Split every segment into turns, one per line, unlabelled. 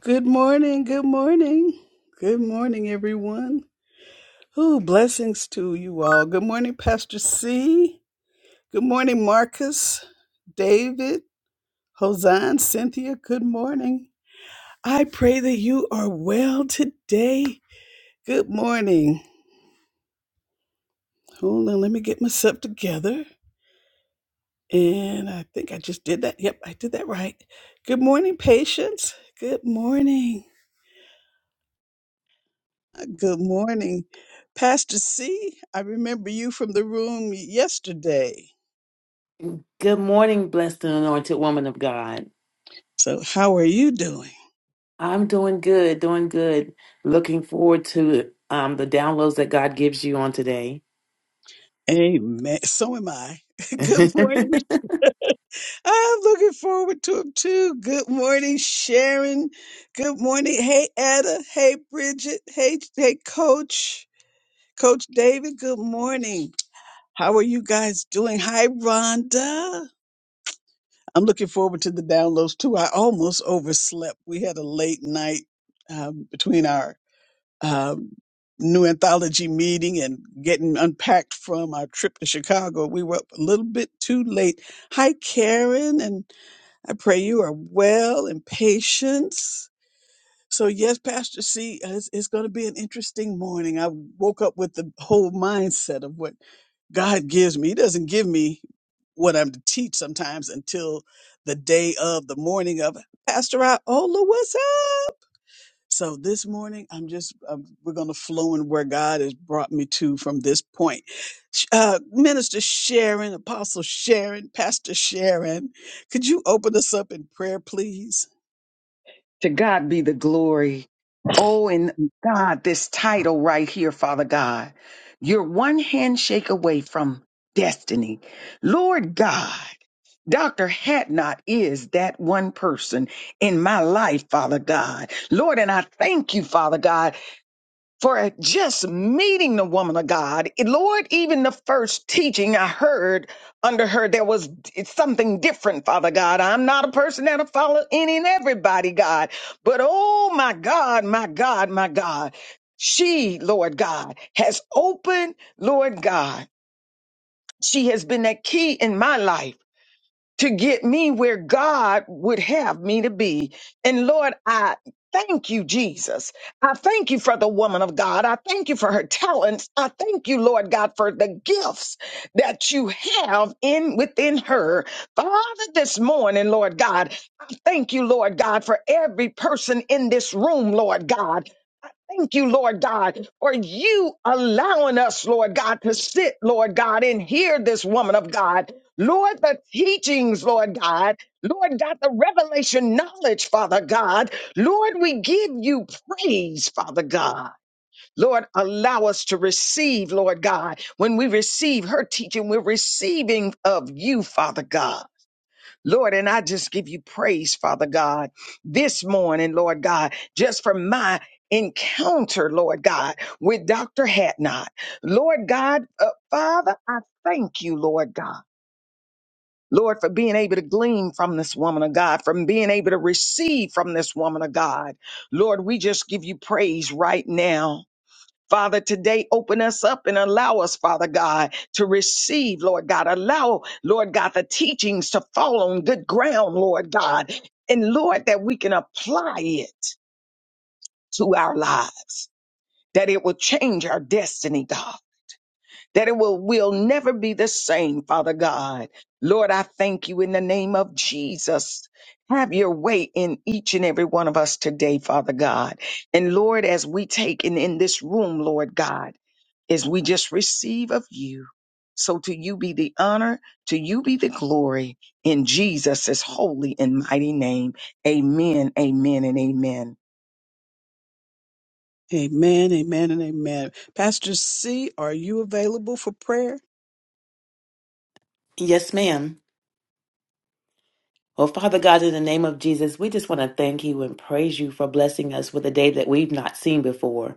Good morning, good morning. Good morning, everyone. Ooh, blessings to you all. Good morning, Pastor C. Good morning, Marcus, David, Hosan, Cynthia. Good morning. I pray that you are well today. Good morning. Hold on, let me get myself together. And I think I just did that. Yep, I did that right. Good morning, patience. Good morning. Good morning. Pastor C, I remember you from the room yesterday.
Good morning, blessed and anointed woman of God.
So, how are you doing?
I'm doing good, doing good. Looking forward to um, the downloads that God gives you on today.
Amen. So am I. Good morning. I'm looking forward to it too. Good morning, Sharon. Good morning. Hey, Etta. Hey, Bridget. Hey, hey, Coach. Coach David, good morning. How are you guys doing? Hi, Rhonda. I'm looking forward to the downloads too. I almost overslept. We had a late night um, between our um, new anthology meeting and getting unpacked from our trip to Chicago. We were up a little bit too late. Hi, Karen, and I pray you are well and patient. So, yes, Pastor C, uh, it's, it's going to be an interesting morning. I woke up with the whole mindset of what God gives me. He doesn't give me what I'm to teach sometimes until the day of, the morning of. Pastor Iola, what's so this morning, I'm just um, we're going to flow in where God has brought me to from this point. Sh- Uh, Minister Sharon, Apostle Sharon, Pastor Sharon, could you open us up in prayer, please?
To God be the glory. Oh, and God, this title right here, Father God, you're one handshake away from destiny. Lord God, Dr. Hatnot is that one person in my life, Father God. Lord, and I thank you, Father God, for just meeting the woman of God. And Lord, even the first teaching I heard under her, there was it's something different, Father God. I'm not a person that'll follow any and everybody, God. But oh my God, my God, my God. She, Lord God, has opened, Lord God. She has been that key in my life to get me where God would have me to be. And Lord, I thank you, Jesus. I thank you for the woman of God. I thank you for her talents. I thank you, Lord God, for the gifts that you have in within her. Father, this morning, Lord God, I thank you, Lord God, for every person in this room, Lord God. Thank you, Lord God, for you allowing us, Lord God, to sit, Lord God, and hear this woman of God. Lord, the teachings, Lord God, Lord God, the revelation knowledge, Father God. Lord, we give you praise, Father God. Lord, allow us to receive, Lord God. When we receive her teaching, we're receiving of you, Father God. Lord, and I just give you praise, Father God, this morning, Lord God, just for my encounter, Lord God, with Dr. Hatnot. Lord God, uh, Father, I thank you, Lord God. Lord, for being able to glean from this woman of God, from being able to receive from this woman of God. Lord, we just give you praise right now. Father, today open us up and allow us, Father God, to receive, Lord God. Allow, Lord God, the teachings to fall on good ground, Lord God. And Lord, that we can apply it to our lives, that it will change our destiny, God that it will, will never be the same, Father God. Lord, I thank you in the name of Jesus. Have your way in each and every one of us today, Father God. And Lord, as we take in, in this room, Lord God, as we just receive of you. So to you be the honor, to you be the glory in Jesus' holy and mighty name. Amen, amen, and amen.
Amen, amen, and amen. Pastor C, are you available for prayer?
yes, ma'am. Well, Father God, in the name of Jesus, we just want to thank you and praise you for blessing us with a day that we've not seen before.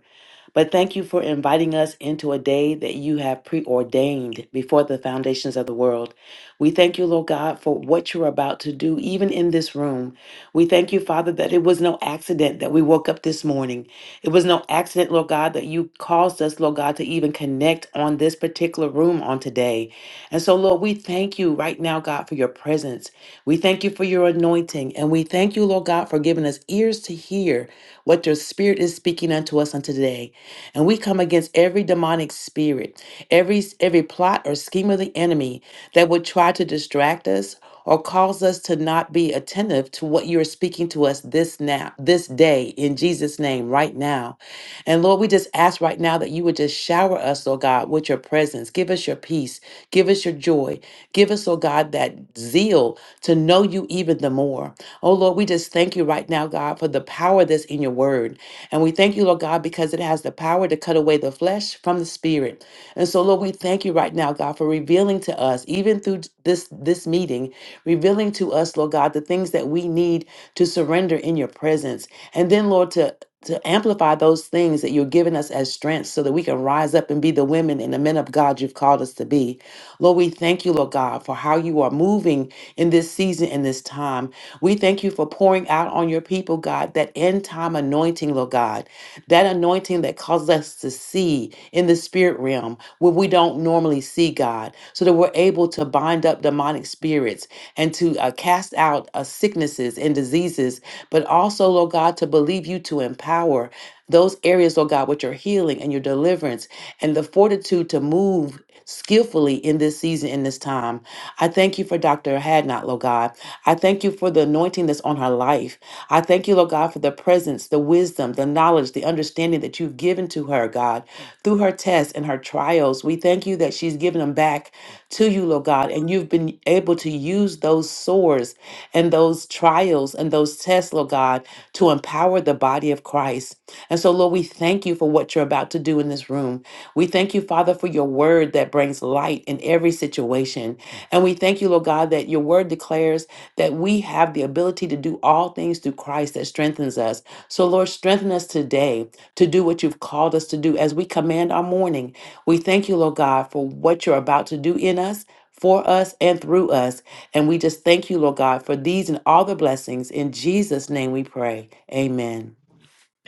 But thank you for inviting us into a day that you have preordained before the foundations of the world. We thank you, Lord God, for what you're about to do, even in this room. We thank you, Father, that it was no accident that we woke up this morning. It was no accident, Lord God, that you caused us, Lord God, to even connect on this particular room on today. And so, Lord, we thank you right now, God, for your presence. We thank you for your anointing. And we thank you, Lord God, for giving us ears to hear what your spirit is speaking unto us on today. And we come against every demonic spirit, every every plot or scheme of the enemy that would try to distract us or cause us to not be attentive to what you're speaking to us this now, this day in Jesus name right now. And Lord, we just ask right now that you would just shower us, oh God, with your presence. Give us your peace, give us your joy, give us, oh God, that zeal to know you even the more. Oh Lord, we just thank you right now, God, for the power that's in your word. And we thank you, Lord God, because it has the power to cut away the flesh from the spirit. And so, Lord, we thank you right now, God, for revealing to us, even through this this meeting, revealing to us, Lord God, the things that we need to surrender in your presence. And then, Lord, to to amplify those things that you're giving us as strength so that we can rise up and be the women and the men of God you've called us to be. Lord, we thank you, Lord God, for how you are moving in this season and this time. We thank you for pouring out on your people, God, that end time anointing, Lord God, that anointing that causes us to see in the spirit realm where we don't normally see, God, so that we're able to bind up demonic spirits and to uh, cast out uh, sicknesses and diseases, but also, Lord God, to believe you to empower those areas, Lord God, with your healing and your deliverance and the fortitude to move skillfully in this season, in this time. I thank you for Dr. Hadnot, Lord God. I thank you for the anointing that's on her life. I thank you, Lord God, for the presence, the wisdom, the knowledge, the understanding that you've given to her, God, through her tests and her trials. We thank you that she's given them back to you, Lord God, and you've been able to use those sores and those trials and those tests, Lord God, to empower the body of Christ. And so, Lord, we thank you for what you're about to do in this room. We thank you, Father, for your word that brings light in every situation. And we thank you, Lord God, that your word declares that we have the ability to do all things through Christ that strengthens us. So, Lord, strengthen us today to do what you've called us to do as we command our morning. We thank you, Lord God, for what you're about to do in us. For us and through us. And we just thank you, Lord God, for these and all the blessings. In Jesus' name we pray. Amen.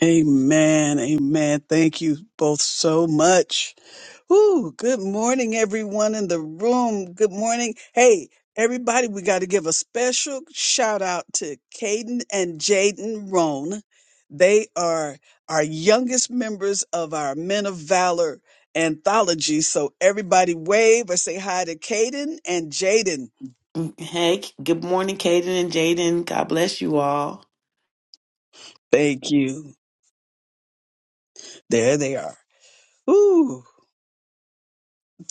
Amen, amen. Thank you both so much. Whew, good morning, everyone in the room. Good morning. Hey, everybody, we got to give a special shout out to Caden and Jaden Roan. They are our youngest members of our Men of Valor anthology. So, everybody, wave or say hi to Caden and Jaden.
Mm, Hey, good morning, Kaden and Jaden. God bless you all.
Thank you. There they are. Ooh.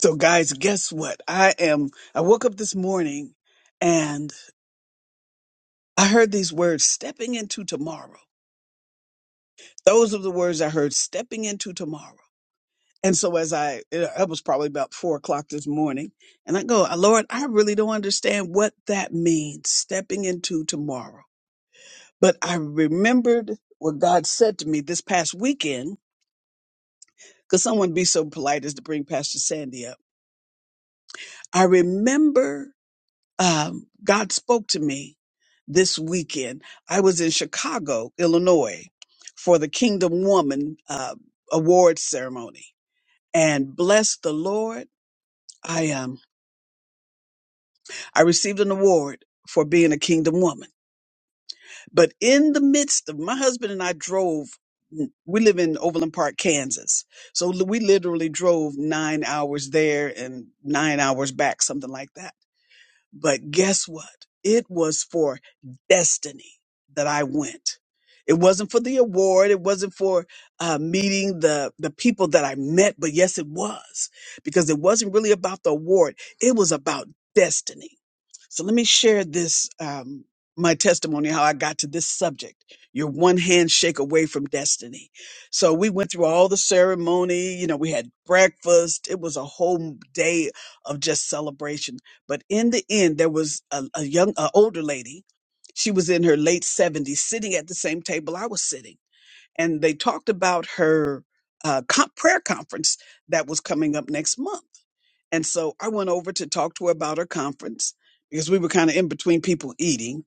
So, guys, guess what? I am, I woke up this morning and I heard these words stepping into tomorrow. Those are the words I heard stepping into tomorrow. And so as I, it was probably about four o'clock this morning and I go, "Uh, Lord, I really don't understand what that means, stepping into tomorrow. But I remembered what God said to me this past weekend, because someone be so polite as to bring Pastor Sandy up. I remember um, God spoke to me this weekend. I was in Chicago, Illinois for the Kingdom Woman uh, Awards ceremony and bless the Lord. I um I received an award for being a kingdom woman. But in the midst of my husband and I drove we live in Overland Park, Kansas. So li- we literally drove 9 hours there and 9 hours back, something like that But guess what? It was for destiny that I went. It wasn't for the award. It wasn't for uh, meeting the, the people that I met. But yes, it was because it wasn't really about the award. It was about destiny. So let me share this, um, my testimony, how I got to this subject. You're one handshake away from destiny. So we went through all the ceremony. You know, we had breakfast. It was a whole day of just celebration but in the end, there was a, a young, an older lady. She was in her late 70s, sitting at the same table I was sitting. And they talked about her uh, com- prayer conference that was coming up next month. And so I went over to talk to her about her conference because we were kind of in between people eating.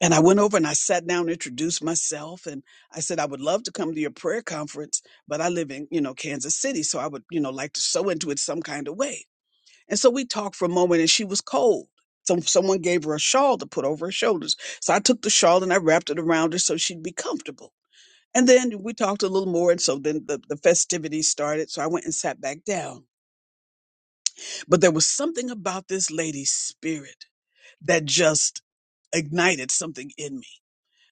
And I went over and I sat down, introduced myself, and I said, I would love to come to your prayer conference, but I live in, you know, Kansas City. So I would, you know, like to sew into it some kind of way. And so we talked for a moment and she was cold. So someone gave her a shawl to put over her shoulders. So I took the shawl and I wrapped it around her so she'd be comfortable. And then we talked a little more. And so then the, the festivities started. So I went and sat back down. But there was something about this lady's spirit that just ignited something in me.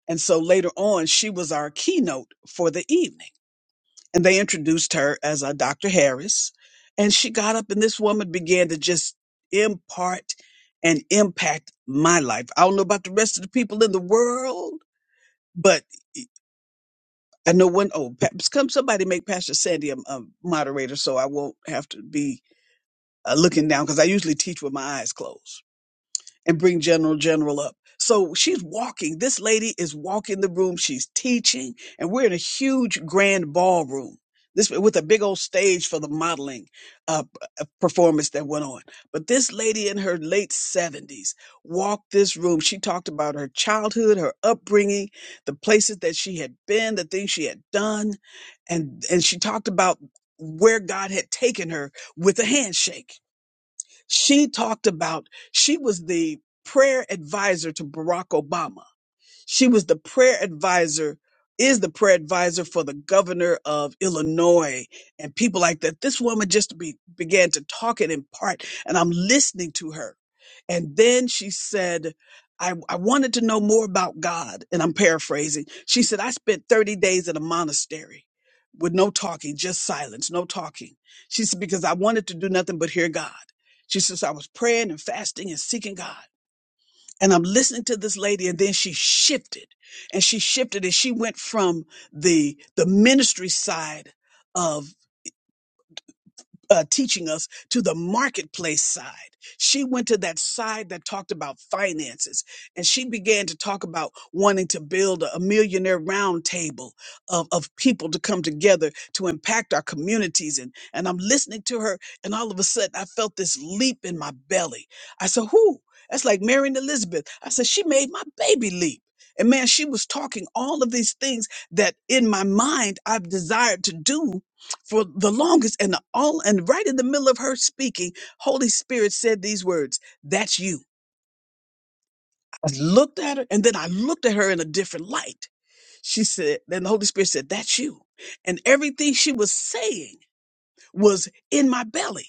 And so later on, she was our keynote for the evening. and they introduced her as a Dr. Harris. And she got up, and this woman began to just impart and impact my life. I don't know about the rest of the people in the world, but e, I know one. Oh, pa- come somebody make Pastor Sandy a, a moderator so I won't have to be uh, looking down because I usually teach with my eyes closed and bring General General up. So she's walking. This lady is walking the room. She's teaching, and we're in a huge grand ballroom. This with a big old stage for the modeling uh, p- uh, performance that went on. But this lady in her late seventies walked this room. She talked about her childhood, her upbringing, the places that she had been, the things she had done, and and she talked about where God had taken her with a handshake she talked about, she was the prayer advisor to Barack Obama she was the prayer advisor, is the prayer advisor for the governor of Illinois and people like that. This woman just be, began to talk and impart, and I'm listening to her. And then she said, I, I wanted to know more about God. And I'm paraphrasing. She said, I spent 30 days in a monastery with no talking, just silence, no talking. She said, because I wanted to do nothing but hear God. She says, I was praying and fasting and seeking God and I'm listening to this lady and then she shifted and she shifted and she went from the the ministry side of uh, teaching us to the marketplace side. She went to that side that talked about finances and she began to talk about wanting to build a millionaire round table of, of people to come together to impact our communities. And, and I'm listening to her and all of a sudden I felt this leap in my belly. I said, whoo, that's like Mary and Elizabeth. I said, she made my baby leap. And man, she was talking all of these things that in my mind I've desired to do for the longest and the, all and right in the middle of her speaking holy spirit said these words that's you i looked at her and then i looked at her in a different light she said then the holy spirit said that's you and everything she was saying was in my belly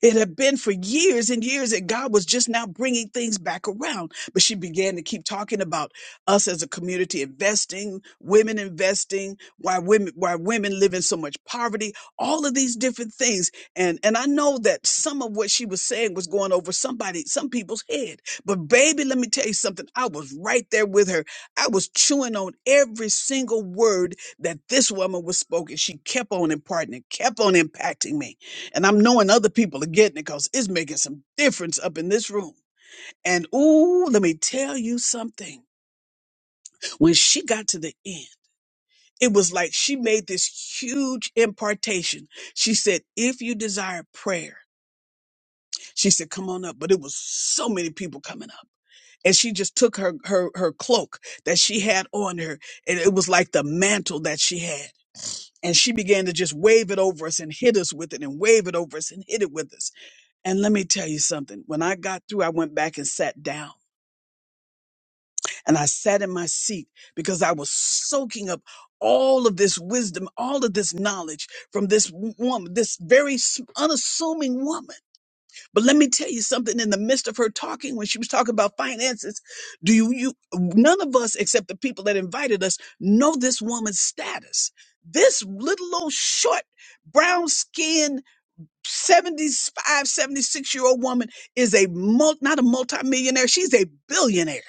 It had been for years and years that God was just now bringing things back around. But she began to keep talking about us as a community investing, women investing, why women why women live in so much poverty, all of these different things. And and I know that some of what she was saying was going over somebody, some people's head. But baby, let me tell you something. I was right there with her. I was chewing on every single word that this woman was spoken. She kept on imparting, it kept on impacting me. And I'm knowing other people are getting it because it's making some difference up in this room. And ooh, let me tell you something. When she got to the end, it was like she made this huge impartation. She said, if you desire prayer, she said, come on up. But it was so many people coming up. And she just took her her her cloak that she had on her, and it was like the mantle that she had and she began to just wave it over us and hit us with it and wave it over us and hit it with us And let me tell you something. When I got through, I went back and sat down and I sat in my seat because I was soaking up all of this wisdom, all of this knowledge from this woman, this very s- unassuming woman. But let me tell you something in the midst of her talking, when she was talking about finances, do you, you, none of us except the people that invited us know this woman's status. This little old short brown skinned 7576 year old woman is a mul- not a multimillionaire, she's a billionaire.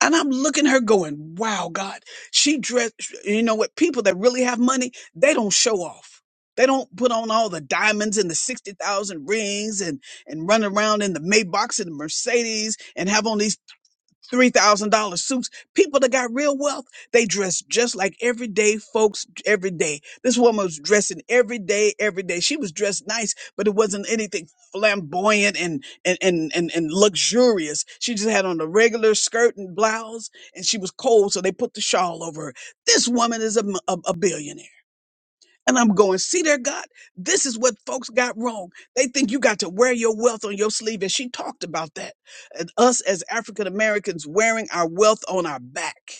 And I'm looking at her going, wow, God, she dressed, you know what? People that really have money, they don't show off. They don't put on all the diamonds and the 60,000 rings and, and run around in the Maybachs and the Mercedes and have on these $3,000 suits. People that got real wealth, they dress just like everyday folks every day. This woman was dressing every day, every day. She was dressed nice, but it wasn't anything flamboyant and, and, and, and, and luxurious. She just had on a regular skirt and blouse and she was cold. So they put the shawl over her. This woman is a, m- a a billionaire. And I'm going, see there, God, this is what folks got wrong. They think you got to wear your wealth on your sleeve. And she talked about that. And us as African Americans wearing our wealth on our back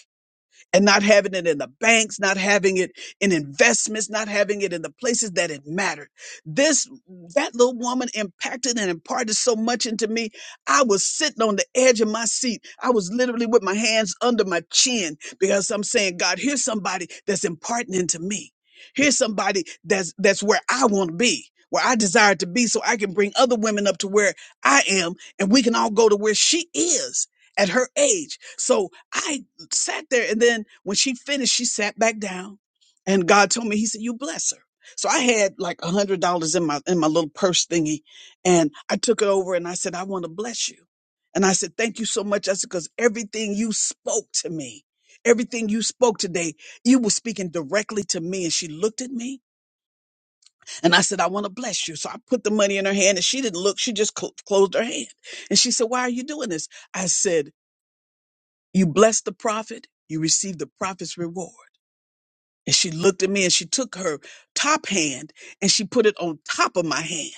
and not having it in the banks, not having it in investments, not having it in the places that it mattered. This, that little woman impacted and imparted so much into me. I was sitting on the edge of my seat. I was literally with my hands under my chin because I'm saying, God, here's somebody that's imparting into me. Here's somebody that's, that's where I want to be. Where I desire to be, so I can bring other women up to where I am, and we can all go to where she is at her age. So I sat there and then when she finished she sat back down and god told me he said you bless her so i had like a hundred dollars in my in my little purse thingy and i took it over and i said i want to bless you and i said thank you so much i said because everything you spoke to me everything you spoke today you were speaking directly to me and she looked at me and i said i want to bless you so i put the money in her hand and she didn't look she just cl- closed her hand and she said why are you doing this i said you bless the prophet you receive the prophet's reward and she looked at me and she took her top hand and she put it on top of my hand.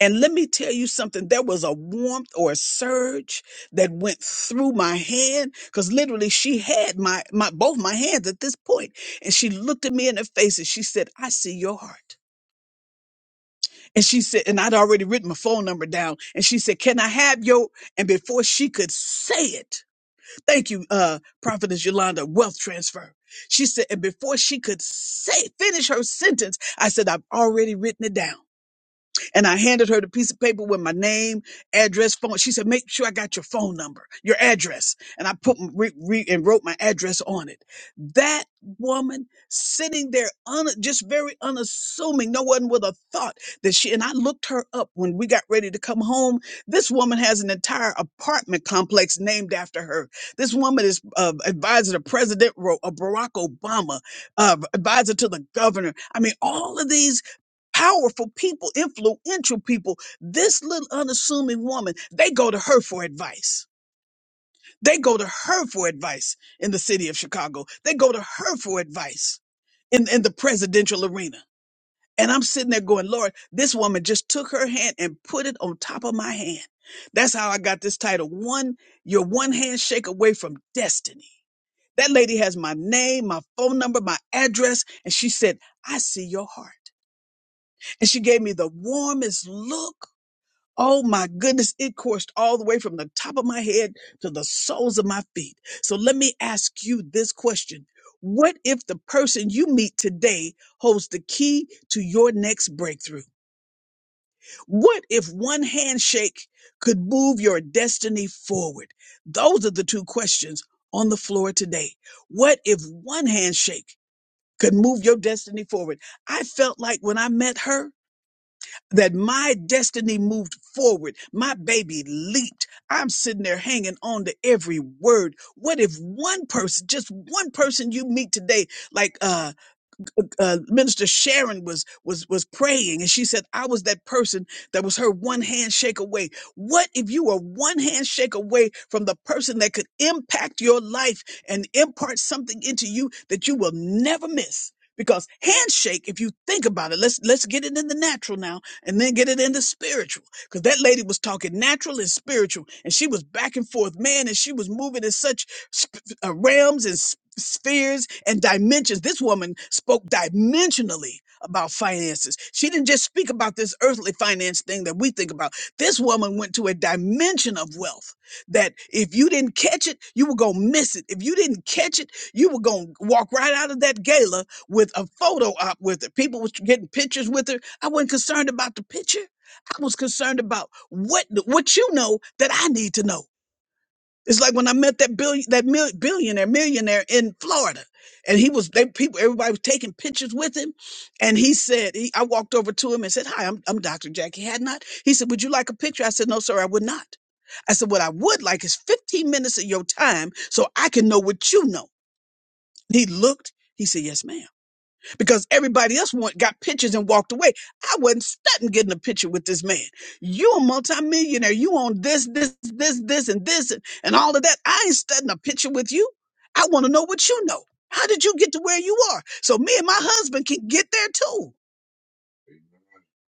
And let me tell you something, there was a warmth or a surge that went through my hand because literally she had my, my both my hands at this point. And she looked at me in the face and she said, I see your heart. And she said, and I'd already written my phone number down. And she said, Can I have your? And before she could say it, Thank you, uh, Prophetess Yolanda, wealth transfer. She said, and before she could say, finish her sentence, I said, I've already written it down and I handed her the piece of paper with my name, address, phone. She said, "Make sure I got your phone number, your address." And I put m- re, re, and wrote my address on it. That woman sitting there, un, just very unassuming, no one would have thought that she. And I looked her up when we got ready to come home. This woman has an entire apartment complex named after her. This woman is uh, advisor to President Ro- uh, Barack Obama, uh, advisor to the governor. I mean, all of these powerful people, influential people. This little unassuming woman, they go to her for advice. They go to her for advice in the city of Chicago. They go to her for advice in, in the presidential arena. And I'm sitting there going, Lord, this woman just took her hand and put it on top of my hand. That's how I got this title. One, you're one handshake away from destiny. That lady has my name, my phone number, my address. And she said, I see your heart. And she gave me the warmest look Oh my goodness, it coursed all the way from the top of my head to the soles of my feet. So let me ask you this question. What if the person you meet today holds the key to your next breakthrough? What if one handshake could move your destiny forward? Those are the two questions on the floor today. What if one handshake could move your destiny forward? I felt like when I met her, that my destiny moved forward. My baby leaped. I'm sitting there hanging on to every word. What if one person, just one person you meet today, like uh, uh, Minister Sharon was was was praying, and she said, "I was that person that was her one handshake away." What if you were one handshake away from the person that could impact your life and impart something into you that you will never miss? Because handshake, if you think about it, let's let's get it in the natural now, and then get it in the spiritual. Because that lady was talking natural and spiritual, and she was back and forth, man, and she was moving in such sp- uh, realms and spheres and dimensions. This woman spoke dimensionally about finances. She didn't just speak about this earthly finance thing that we think about. This woman went to a dimension of wealth that if you didn't catch it, you were going to miss it. If you didn't catch it, you were going to walk right out of that gala with a photo op with her. People was getting pictures with her. I wasn't concerned about the picture. I was concerned about what what you know that I need to know. It's like when I met that billion, that mil- billionaire, millionaire in Florida, and he was they people, everybody was taking pictures with him, and he said, he, I walked over to him and said, "Hi, I'm I'm Dr. Jackie Hadnot." He said, "Would you like a picture?" I said, "No, sir, I would not." I said, "What I would like is 15 minutes of your time, so I can know what you know." He looked. He said, "Yes, ma'am." because everybody else want, got pictures and walked away. I wasn't studying getting a picture with this man. You a multimillionaire. You on this, this, this, this, and this, and, and all of that. I ain't studying a picture with you. I want to know what you know. How did you get to where you are? So me and my husband can get there too.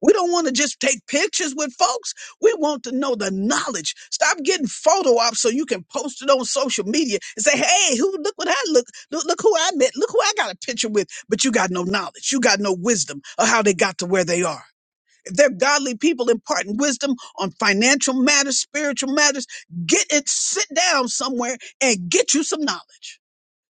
We don't want to just take pictures with folks. We want to know the knowledge. Stop getting photo ops so you can post it on social media and say, "Hey, who? Look what I look. Look, look who I met. Look who I got a picture with." But you got no knowledge. You got no wisdom of how they got to where they are. If they're godly people imparting wisdom on financial matters, spiritual matters, get it. Sit down somewhere and get you some knowledge.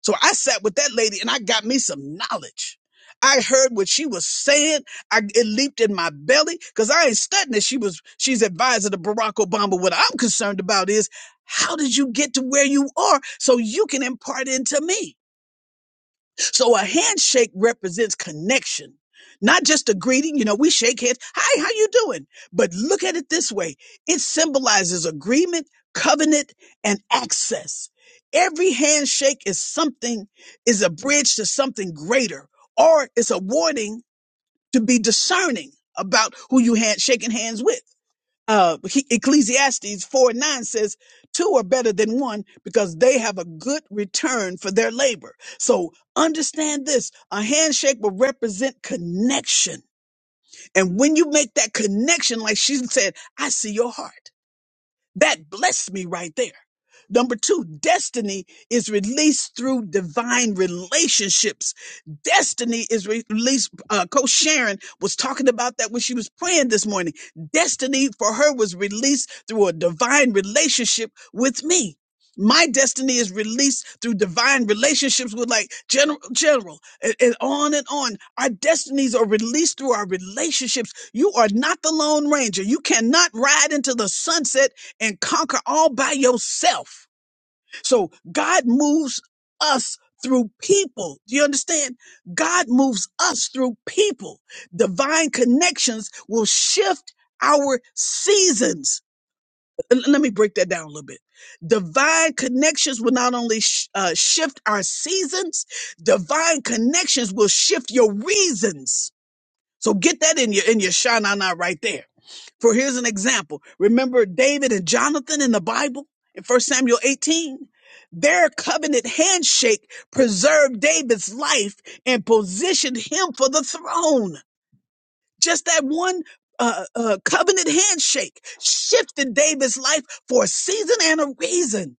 So I sat with that lady and I got me some knowledge. I heard what she was saying. I, it leaped in my belly because I ain't studying that she was she's advisor to Barack Obama. What I'm concerned about is how did you get to where you are so you can impart into me? So a handshake represents connection, not just a greeting. You know, we shake hands. Hi, how you doing? But look at it this way. It symbolizes agreement, covenant, and access. Every handshake is something, is a bridge to something greater, or it's a warning to be discerning about who you hand shaking hands with uh, he, Ecclesiastes 4 and 9 says, Two are better than one because they have a good return for their labor. So understand this a handshake will represent connection. And when you make that connection, like she said, I see your heart. That blessed me right there. Number two, destiny is released through divine relationships. Destiny is re- released. Uh, Coach Sharon was talking about that when she was praying this morning. Destiny for her was released through a divine relationship with me. My destiny is released through divine relationships with like general, general, and, and on and on. Our destinies are released through our relationships. You are not the Lone Ranger. You cannot ride into the sunset and conquer all by yourself. So God moves us through people. Do you understand? God moves us through people. Divine connections will shift our seasons. Uh, L- Let me break that down a little bit. Divine connections will not only sh- uh, shift our seasons, divine connections will shift your reasons so get that in your in your shanana right there. For here's an example. Remember David and Jonathan in the Bible in First Samuel 18? Their covenant handshake preserved David's life and positioned him for the throne. Just that one uh, uh, covenant handshake shifted David's life for a season and a reason.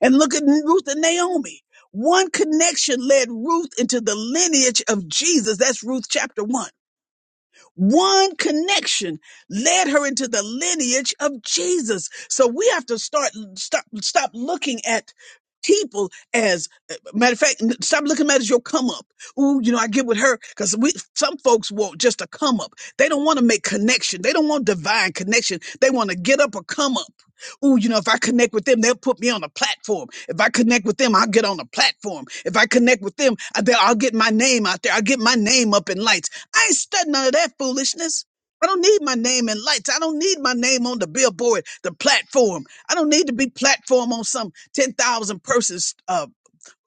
And look at Ruth and Naomi. One connection led Ruth into the lineage of Jesus. That's Ruth chapter 1. One connection led her into the lineage of Jesus. So we have to start stop stop looking at people as matter of fact stop looking at it as your come up Ooh, you know i get with her because we some folks want just a come up they don't want to make connection they don't want divine connection they want to get up or come up Ooh, you know, if I connect with them, they'll put me on a platform. If I connect with them, I'll get on a platform. If I connect with them, I- they'll- I'll get my name out there. I'll get my name up in lights. I ain't studying none of that foolishness. I don't need my name in lights. I don't need my name on the billboard, the platform. I don't need to be platform on some 10,000 persons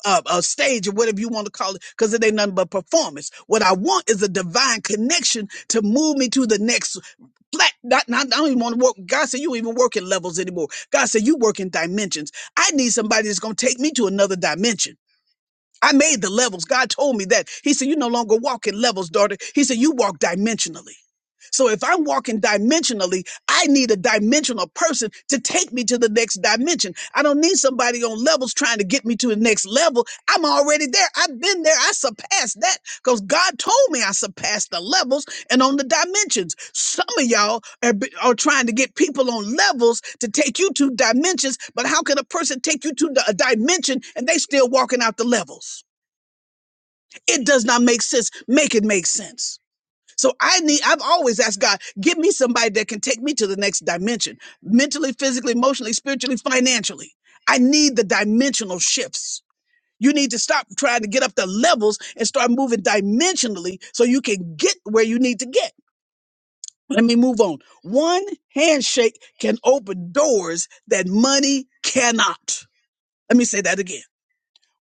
uh, a stage or whatever you want to call it, because it ain't nothing but performance. What I want is a divine connection to move me to the next flat. Not, not, I don't even want to work. God said, you don't even work in levels anymore. God said, you work in dimensions. I need somebody that's going to take me to another dimension. I made the levels. God told me that. He said, You no longer walk in levels, daughter. He said, You walk dimensionally. So if I'm walking dimensionally, I need a dimensional person to take me to the next dimension. I don't need somebody on levels trying to get me to the next level. I'm already there. I've been there. I surpassed that because God told me I surpassed the levels and on the dimensions. Some of y'all are, b- are trying to get people on levels to take you to dimensions, but how can a person take you to the, a dimension and they still walking out the levels? It does not make sense. Make it make sense. So I need, I've always asked God, give me somebody that can take me to the next dimension, mentally, physically, emotionally, spiritually, financially. I need the dimensional shifts. You need to stop trying to get up the levels and start moving dimensionally so you can get where you need to get. Let me move on. One handshake can open doors that money cannot. Let me say that again.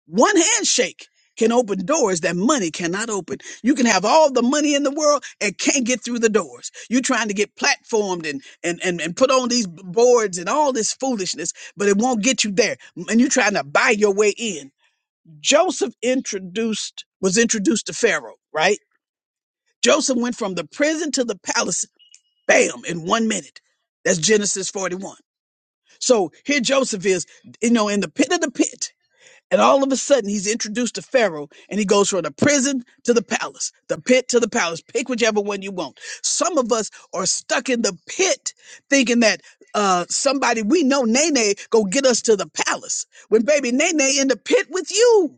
One handshake can open doors that money cannot open. You can have all the money in the world and can't get through the doors. You're trying to get platformed and and and, and put on these boards and all this foolishness, but it won't get you there. And you're trying to buy your way in. Joseph introduced was introduced to Pharaoh, right? Joseph went from the prison to the palace bam, in one minute. That's Genesis 41. So here Joseph is, you know, in the pit of the pit. And all of a sudden, he's introduced to Pharaoh and he goes from the prison to the palace, the pit to the palace. Pick whichever one you want. Some of us are stuck in the pit thinking that uh, somebody we know, Nene, go get us to the palace. When baby Nene in the pit with you.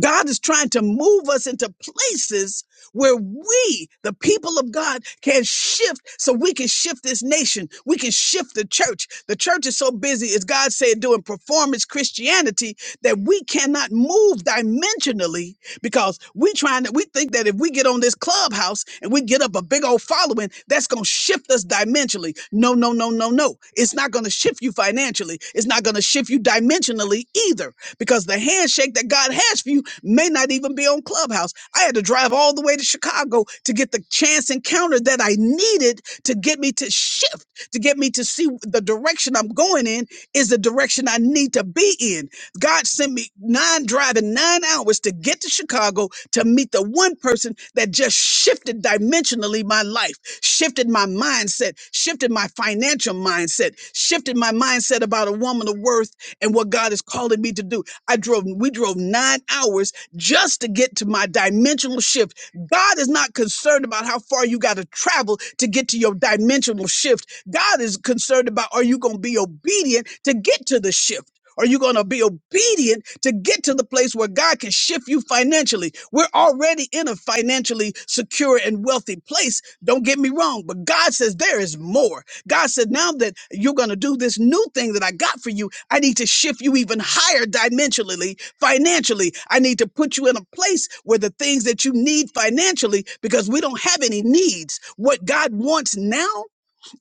God is trying to move us into places where we, the people of God, can shift so we can shift this nation. We can shift the church. The church is so busy, as God said, doing performance Christianity that we cannot move dimensionally because we trying to, we think that if we get on this clubhouse and we get up a big old following, that's going to shift us dimensionally. No, no, no, no, no. It's not going to shift you financially. It's it's not going to shift you dimensionally either because the handshake that God has for you may not even be on Clubhouse. I had to drive all the way to Chicago to get the chance encounter that I needed to get me to shift, to get me to see the direction I'm going in is the direction I need to be in. God sent me nine driving nine hours to get to Chicago to meet the one person that just shifted shifted dimensionally my life, shifted my mindset, shifted my financial mindset, shifted my mindset about a woman of worth and what God is calling me to do. I drove, we drove nine hours just to get to my dimensional shift. God is not concerned about how far you got to travel to get to your dimensional shift. God is concerned about are you going to be obedient to get to the shift? Are you going to be obedient to get to the place where God can shift you financially? We're already in a financially secure and wealthy place. Don't get me wrong, but God says there is more. God said, now that you're going to do this new thing that I got for you, I need to shift you even higher dimensionally, financially. I need to put you in a place where the things that you need financially, because we don't have any needs. What God wants now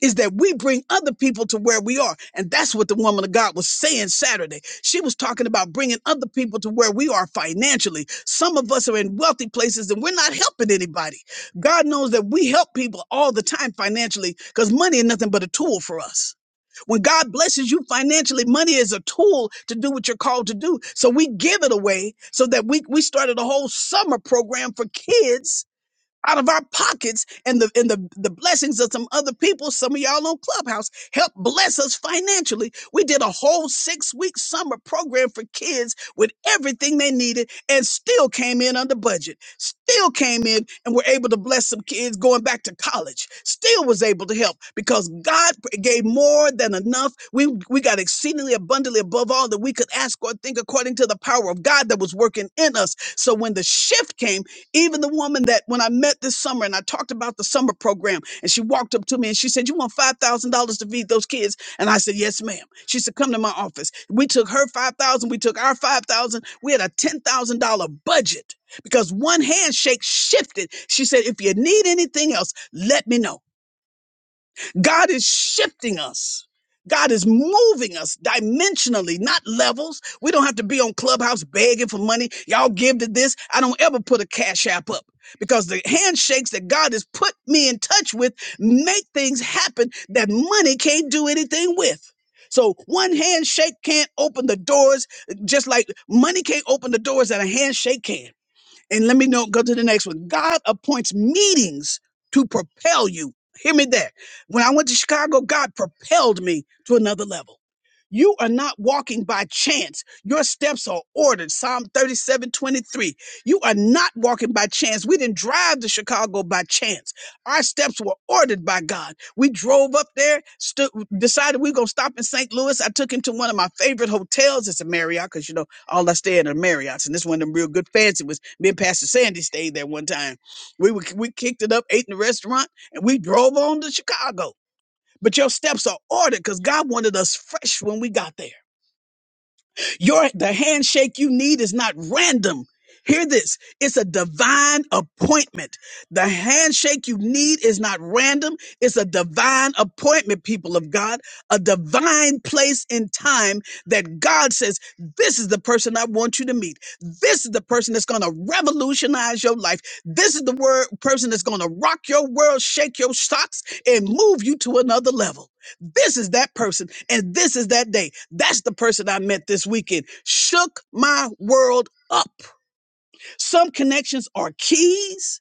is that we bring other people to where we are. And that's what the woman of God was saying Saturday. She was talking about bringing other people to where we are financially. Some of us are in wealthy places and we're not helping anybody. God knows that we help people all the time financially because money is nothing but a tool for us. When God blesses you financially, money is a tool to do what you're called to do. So we give it away so that we, we started a whole summer program for kids out of our pockets and the and the, the blessings of some other people some of y'all on clubhouse help bless us financially we did a whole six week summer program for kids with everything they needed and still came in under budget still came in and were able to bless some kids going back to college still was able to help because god gave more than enough we we got exceedingly abundantly above all that we could ask or think according to the power of god that was working in us so when the shift came even the woman that when I met this summer and I talked about the summer program, and she walked up to me and she said, You want $5,000 to feed those kids? And I said, Yes, ma'am. She said, Come to my office. We took her 5000 we took our 5000 We had a $10,000 budget because one handshake shifted. She said, If you need anything else, let me know. God is shifting us. God is moving us dimensionally, not levels. We don't have to be on Clubhouse begging for money. Y'all give to this. I don't ever put a cash app up because the handshakes that God has put me in touch with make things happen that money can't do anything with. So one handshake can't open the doors, just like money can't open the doors that a handshake can. And let me know, go to the next one. God appoints meetings to propel you. Hear me there. When I went to Chicago, God propelled me to another level. You are not walking by chance. Your steps are ordered. Psalm 37 23. You are not walking by chance. We didn't drive to Chicago by chance. Our steps were ordered by God. We drove up there, stu- decided we were going to stop in St. Louis. I took him to one of my favorite hotels. It's a Marriott because, you know, all I stayed at are Marriott's, and this one of them real good fancy was me and Pastor Sandy stayed there one time. We were, we kicked it up, ate in the restaurant, and we drove on to Chicago. But your steps are ordered because God wanted us fresh when we got there. Your the handshake you need is not random. Hear this. It's a divine appointment. The handshake you need is not random. It's a divine appointment, people of God, a divine place in time that God says, This is the person I want you to meet. This is the person that's going to revolutionize your life. This is the word, person that's going to rock your world, shake your socks, and move you to another level. This is that person, and this is that day. That's the person I met this weekend. Shook my world up. Some connections are keys,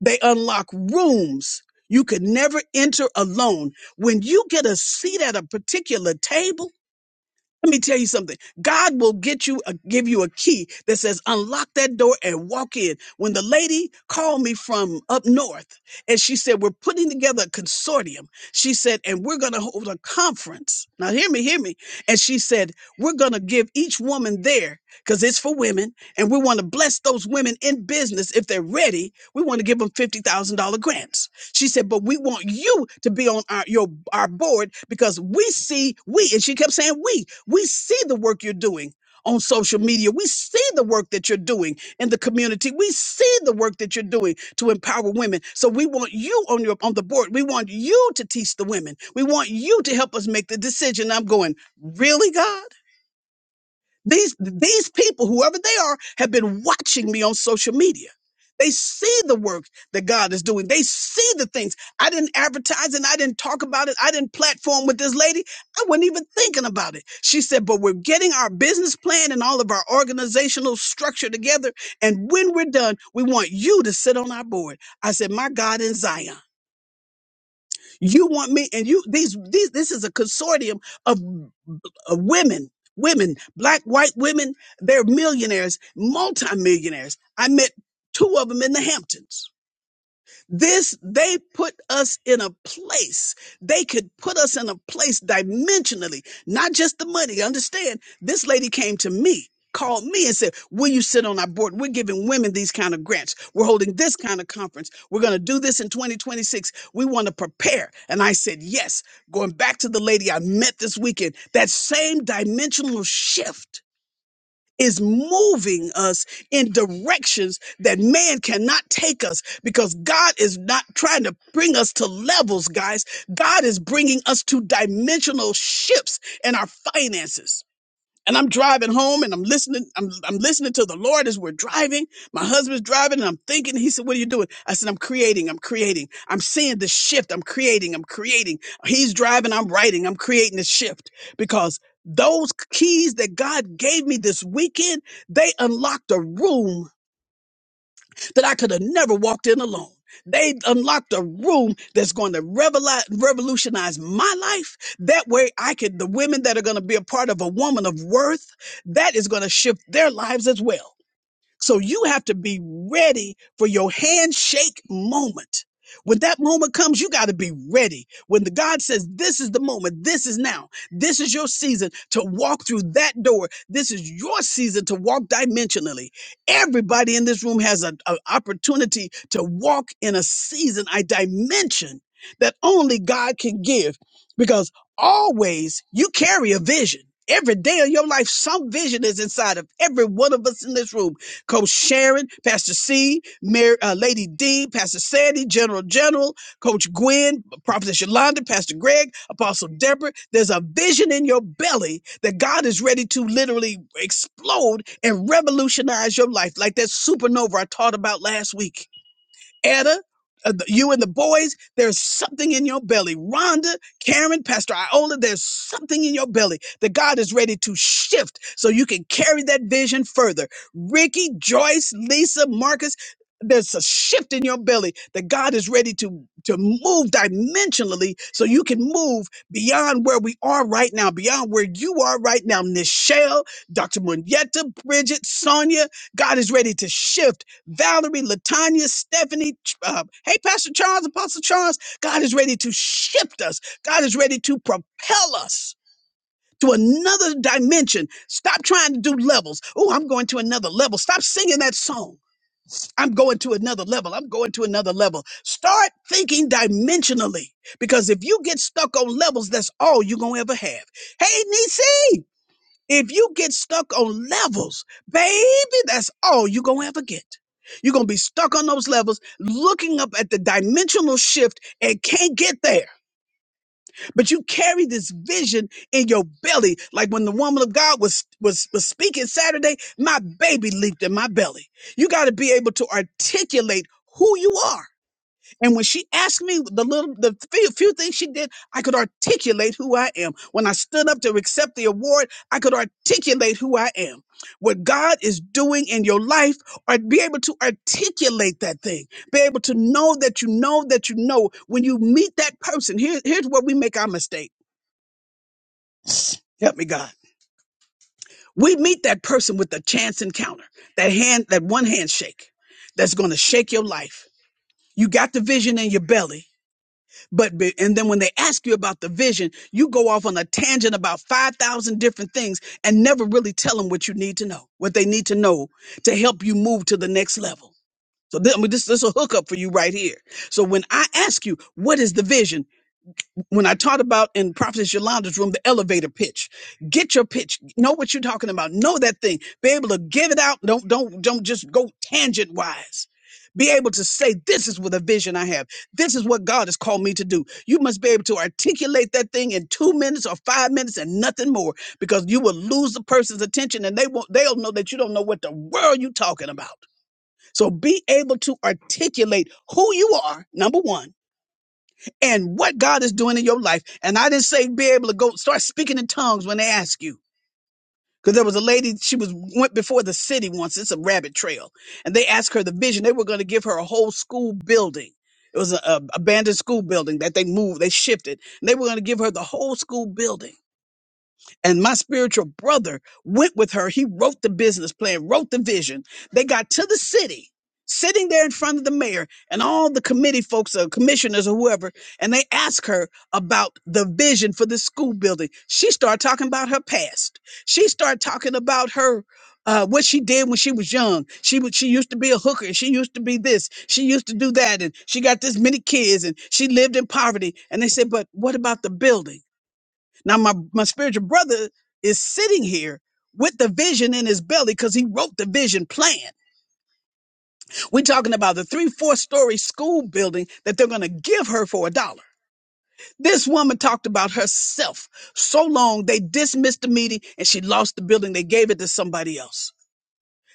they unlock rooms you could never enter alone. When you get a seat at a particular table, let me tell you something. God will get you, a, give you a key that says unlock that door and walk in. When the lady called me from up north and she said, we're putting together a consortium. She said, and we're going to hold a conference. Now hear me, hear me. And she said, we're going to give each woman there because it's for women and we want to bless those women in business. If they're ready, we want to give them $50,000 grants. She said, but we want you to be on our your our board because we see we, and she kept saying we, we see the work you're doing on social media. We see the work that you're doing in the community. We see the work that you're doing to empower women. So we want you on your on the board. We want you to teach the women. We want you to help us make the decision. I'm going, really, God? These these people, whoever they are, have been watching me on social media. They see the work that God is doing. They see the things. I didn't advertise and I didn't talk about it. I didn't platform with this lady. I wasn't even thinking about it. She said, but we're getting our business plan and all of our organizational structure together. And when we're done, we want you to sit on our board. I said, my God in Zion, you want me and you, these, these, this is a consortium of uh, women, women, black, white women, they're millionaires, multimillionaires. I met two of them in the Hamptons. This, they put us in a place. They could put us in a place dimensionally, not just the money. Understand? This lady came to me, called me and said, will you sit on our board? We're giving women these kind of grants. We're holding this kind of conference. We're going to do this in 2026. We want to prepare. And I said, yes. Going back to the lady I met this weekend, that same dimensional shift is moving us in directions that man cannot take us because God is not trying to bring us to levels, guys. God is bringing us to dimensional shifts in our finances and I'm driving home and I'm listening. I'm, I'm listening to the Lord as we're driving. My husband's driving and I'm thinking, he said, what are you doing? I said, I'm creating. I'm creating. I'm seeing the shift. I'm creating. I'm creating. He's driving. I'm writing. I'm creating the shift because those keys that God gave me this weekend, they unlocked a room that I could have never walked in alone. They unlocked a room that's going to reveli- revolutionize my life. That way, I could, the women that are going to be a part of a woman of worth, that is going to shift their lives as well. So you have to be ready for your handshake moment. When that moment comes, you got to be ready. When the God says, this is the moment, this is now, this is your season to walk through that door. This is your season to walk dimensionally. Everybody in this room has an opportunity to walk in a season, a dimension that only God can give because always you carry a vision. Every day of your life, some vision is inside of every one of us in this room Coach Sharon, Pastor C, Mary, uh, Lady D, Pastor Sandy, General General, Coach Gwen, Prophetess Yolanda, Pastor Greg, Apostle Deborah. There's a vision in your belly that God is ready to literally explode and revolutionize your life, like that supernova I taught about last week. Etta, uh, you and the boys, there's something in your belly. Rhonda, Karen, Pastor Iola, there's something in your belly that God is ready to shift so you can carry that vision further. Ricky, Joyce, Lisa, Marcus, there's a shift in your belly that God is ready to, to move dimensionally so you can move beyond where we are right now, beyond where you are right now. Nichelle, Dr. Munyeta, Bridget, Sonia, God is ready to shift Valerie, Latanya, Stephanie. Uh, hey, Pastor Charles, Apostle Charles, God is ready to shift us. God is ready to propel us to another dimension. Stop trying to do levels. Oh, I'm going to another level. Stop singing that song. I'm going to another level. I'm going to another level. Start thinking dimensionally because if you get stuck on levels, that's all you're going to ever have. Hey, Nisi. If you get stuck on levels, baby, that's all you're going to ever get. You're going to be stuck on those levels, looking up at the dimensional shift and can't get there. But you carry this vision in your belly. Like when the woman of God was, was, was speaking Saturday, my baby leaped in my belly. You got to be able to articulate who you are. And when she asked me the little, the few, few things she did, I could articulate who I am. When I stood up to accept the award, I could articulate who I am. What God is doing in your life, or be able to articulate that thing, be able to know that you know that you know. When you meet that person, here, here's where we make our mistake. Help me, God. We meet that person with a chance encounter, that hand, that one handshake that's going to shake your life. You got the vision in your belly But be- and then when they ask you about the vision, you go off on a tangent about 5,000 different things and never really tell them what you need to know, what they need to know to help you move to the next level. So this, I mean, this, this is a hookup for you right here. So when I ask you, what is the vision? when I taught about in Prophetess Yolanda's room, the elevator pitch. Get your pitch. Know what you're talking about. Know that thing. Be able to give it out. Don't don't don't just go tangent wise. Be able to say, this is what a vision I have. This is what God has called me to do. You must be able to articulate that thing in two minutes or five minutes and nothing more because you will lose the person's attention and they won't, they'll know that you don't know what the world you're talking about. So be able to articulate who you are, number one and what God is doing in your life. And I didn't say be able to go start speaking in tongues when they ask you. Because there was a lady, she was went before the city once. It's a rabbit trail, and they asked her the vision. They were going to give her a whole school building. It was an abandoned school building that they moved, they shifted. And they were going to give her the whole school building and my spiritual brother went with her. He wrote the business plan, wrote the vision. They got to the city, sitting there in front of the mayor and all the committee folks or commissioners or whoever, and they asked her about the vision for the school building. She started talking about her past. She started talking about her. Uh, what she did when she was young, she was she used to be a hooker. and She used to be this. She used to do that, and she got this many kids, and she lived in poverty. And they said, "But what about the building?" Now my my spiritual brother is sitting here with the vision in his belly because he wrote the vision plan. We're talking about the three, four story school building that they're gonna give her for a dollar. This woman talked about herself so long they dismissed the meeting and she lost the building. They gave it to somebody else.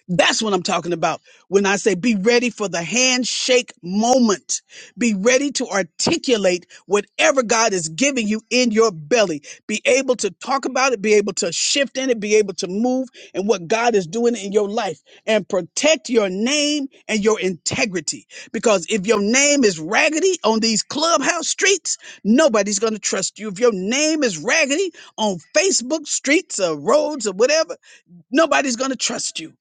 That's what I'm talking about when I say be ready for the handshake moment. Be ready to articulate whatever God is giving you in your belly. Be able to talk about it, be able to shift in it, be able to move and what God is doing in your life and protect your name and your integrity. Because if your name is raggedy on these clubhouse streets, nobody's going to trust you. If your name is raggedy on Facebook streets or roads or whatever, Nobody's going to trust you.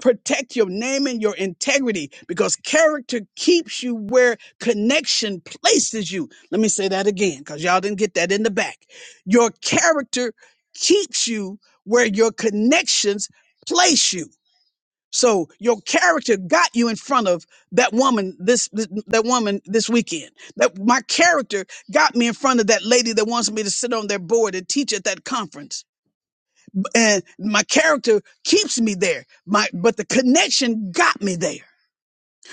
Protect your name and your integrity because character keeps you where connection places you. Let me say that again because y'all didn't get that in the back. Your character keeps you where your connections place you. So your character got you in front of that woman this, this that woman this weekend. That my character got me in front of that lady that wants me to sit on their board and teach at that conference and my character keeps me there my but the connection got me there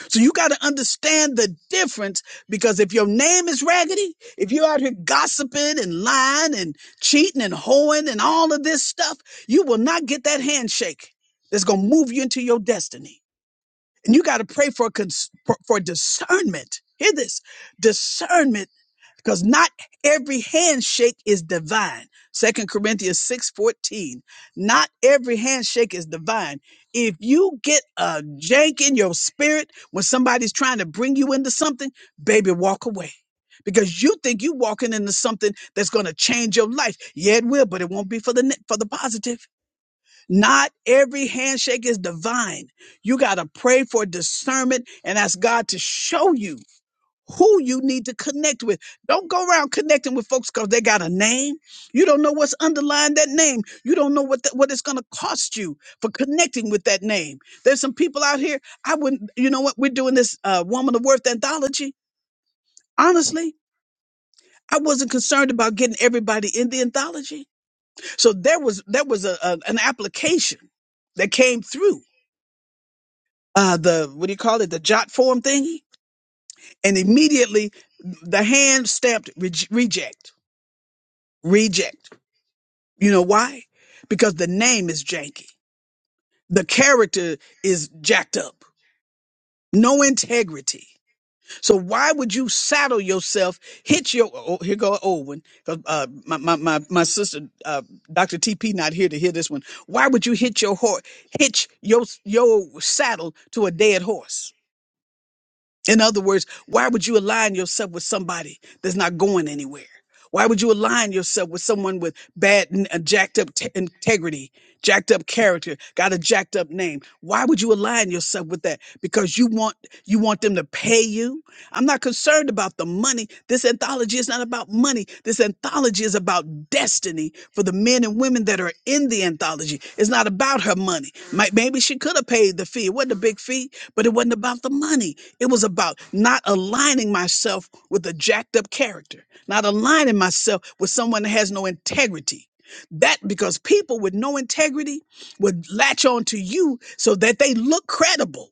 so you got to understand the difference because if your name is raggedy if you're out here gossiping and lying and cheating and hoeing and all of this stuff you will not get that handshake that's going to move you into your destiny and you got to pray for cons- for for discernment hear this discernment because not every handshake is divine. Second Corinthians 6:14. Not every handshake is divine. If you get a jank in your spirit when somebody's trying to bring you into something, baby, walk away. Because you think you walking into something that's going to change your life. Yeah, it will, but it won't be for the ne- for the positive. Not every handshake is divine. You got to pray for discernment and ask God to show you who you need to connect with. Don't go around connecting with folks because they got a name. You don't know what's underlying that name. You don't know what the, what it's going to cost you for connecting with that name. There's some people out here. I wouldn't. You know what? We're doing this uh, Woman of Worth anthology. Honestly. I wasn't concerned about getting everybody in the anthology, so there was there was a, a an application that came through uh, the what do you call it the jot form thingy, and immediately the hand stamped reject. reject. You know why? Because the name is janky. The character is jacked up. No integrity. So why would you saddle yourself, hit your, oh, here go an old one, 'cause, uh, my, my, my, my sister, uh, Dr. TP not here to hear this one. Why would you hit your horse, hitch your, your saddle to a dead horse? In other words, why would you align yourself with somebody that's not going anywhere? Why would you align yourself with someone with bad, n- uh, jacked up t- integrity, jacked up character, got a jacked up name? Why would you align yourself with that? Because you want you want them to pay you. I'm not concerned about the money. This anthology is not about money. This anthology is about destiny for the men and women that are in the anthology. It's not about her money. Might- Maybe she could have paid the fee. It wasn't a big fee, but it wasn't about the money. It was about not aligning myself with a jacked up character, not aligning myself with someone that has no integrity. That because people with no integrity would latch on to you so that they look credible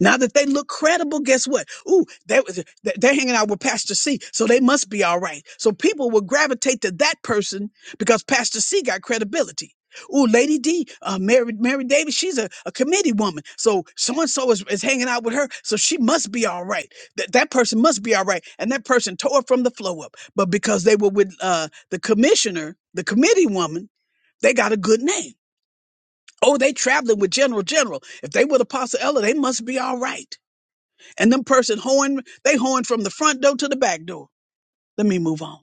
now that they look credible, guess what? Ooh, they, they- they're hanging out with Pastor C, so they must be all right. So people will gravitate to that person because Pastor C got credibility. Ooh, Lady D, uh, Mary, Mary Davis, she's a, a committee woman. So so and so is is hanging out with her, so she must be all right. That that person must be all right. And that person tore from the flow up. But because they were with uh, the commissioner, the committee woman, they got a good name. Oh, they traveling with General General. If they were the Apostle Ella, they must be all right. And them person hoeing, they hoeing from the front door to the back door. Let me move on.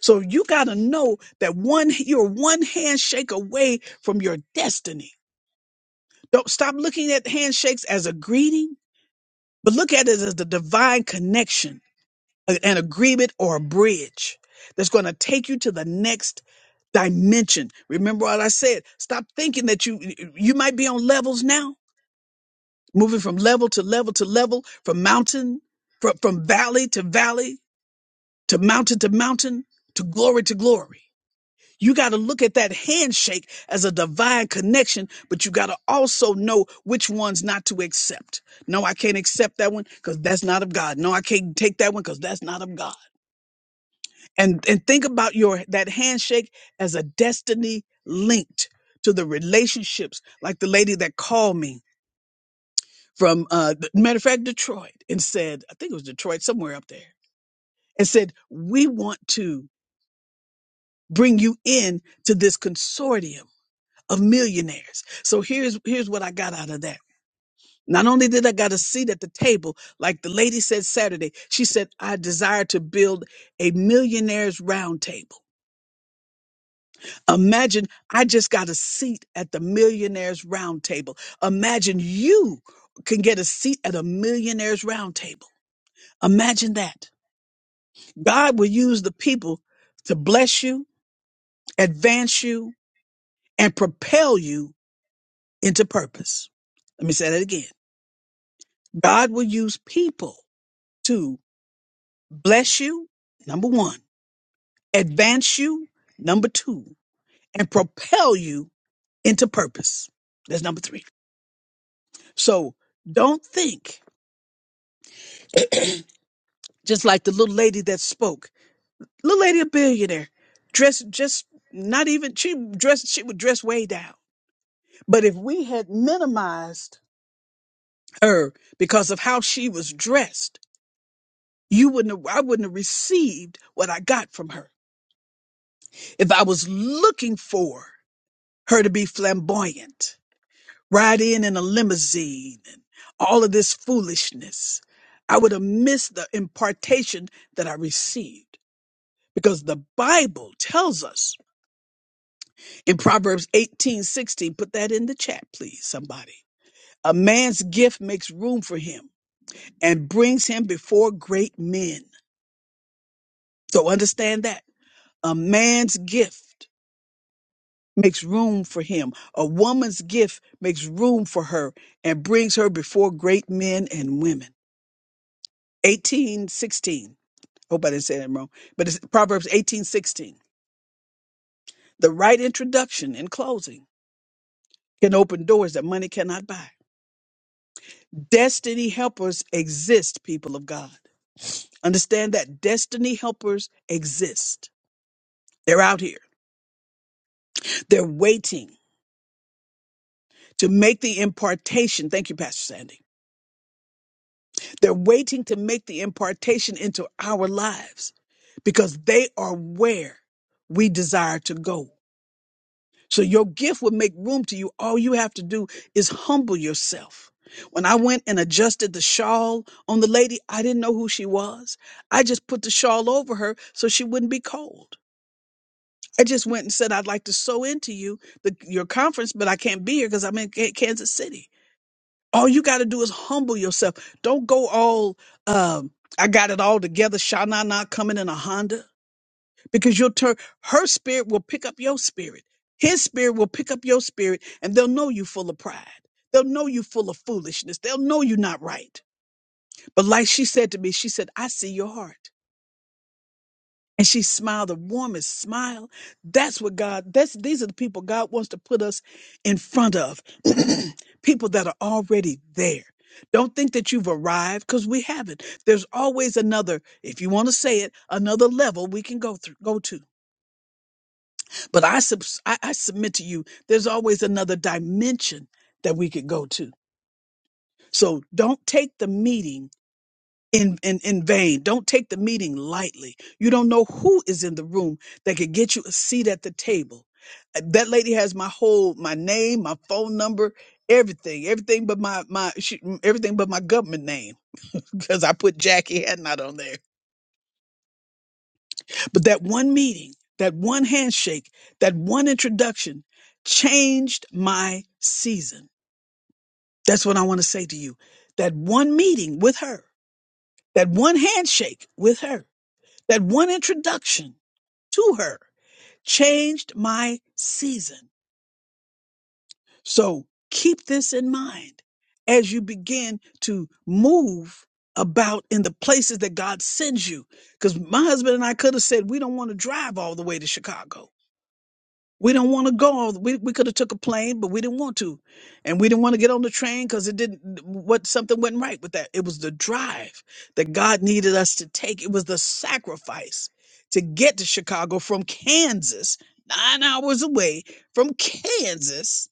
So you gotta know that one, you're one handshake away from your destiny. Don't stop looking at handshakes as a greeting, but look at it as the divine connection, a- an agreement or a bridge that's gonna take you to the next dimension. Remember what I said. Stop thinking that you you might be on levels now, moving from level to level to level, from mountain, from, from valley to valley to mountain to mountain, to glory to glory. You got to look at that handshake as a divine connection, but you got to also know which ones not to accept. No, I can't accept that one because that's not of God. No, I can't take that one because that's not of God. And and think about your that handshake as a destiny linked to the relationships, like the lady that called me from uh th- matter of fact Detroit and said, I think it was Detroit somewhere up there, and said we want to. bring you in to this consortium of millionaires. So here's here's what I got out of that. Not only did I got a seat at the table, like the lady said Saturday, she said, I desire to build a millionaires round table. Imagine I just got a seat at the millionaires round table. Imagine you can get a seat at a millionaires round table. Imagine that. God will use the people to bless you, advance you, and propel you into purpose. Let me say that again. God will use people to bless you, number one, advance you, number two, and propel you into purpose. That's number three. So don't think, just like the little lady that spoke, little lady, a billionaire, dressed just not even, she dressed, she would dress way down. But if we had minimized her because of how she was dressed, You wouldn't have, I wouldn't have received what I got from her if I was looking for her to be flamboyant, ride in in a limousine, and all of this foolishness. I would have missed the impartation that I received because the Bible tells us in Proverbs eighteen sixteen. put that in the chat, please, somebody. A man's gift makes room for him and brings him before great men. So understand that. A man's gift. makes room for him. A woman's gift makes room for her and brings her before great men and women. 1816. Hope I didn't say that wrong. But it's Proverbs 1816. The right introduction and closing can open doors that money cannot buy. Destiny helpers exist, people of God. Understand that destiny helpers exist. They're out here. They're waiting to make the impartation. Thank you, Pastor Sandy They're waiting to make the impartation into our lives because they are where we desire to go. So your gift will make room to you. All you have to do is humble yourself. When I went and adjusted the shawl on the lady, I didn't know who she was. I just put the shawl over her so she wouldn't be cold. I just went and said, I'd like to sew into you the, your conference, but I can't be here because I'm in K- Kansas City. All you got to do is humble yourself. Don't go all, um, I got it all together. Shana not coming in a Honda because you'll turn her spirit will pick up your spirit. His spirit will pick up your spirit and they'll know you full of pride. They'll know you full of foolishness. They'll know you're not right. But like she said to me, she said, I see your heart and she smiled the warmest smile. That's what God, that's these are the people God wants to put us in front of. people that are already there. Don't think that you've arrived because we haven't. There's always another, if you want to say it, another level we can go through, go to. But I, subs I, I submit to you, there's always another dimension that we could go to. So don't take the meeting in, in, in vain. Don't take the meeting lightly. You don't know who is in the room that could get you a seat at the table. Uh, That lady has my whole, my name, my phone number, everything, everything but my, my, she, mm, everything but my government name because I put Jackie Hadnot on there. But that one meeting, that one handshake, that one introduction changed my season. That's what I want to say to you. That one meeting with her, that one handshake with her, that one introduction to her changed my season. So keep this in mind as you begin to move about in the places that God sends you. Because my husband and I could have said, we don't want to drive all the way to Chicago. We don't want to go. all- We we could have took a plane, but we didn't want to, and we didn't want to get on the train because it didn't. What something went right with that. It was the drive that God needed us to take. It was the sacrifice to get to Chicago from Kansas, nine hours away from Kansas,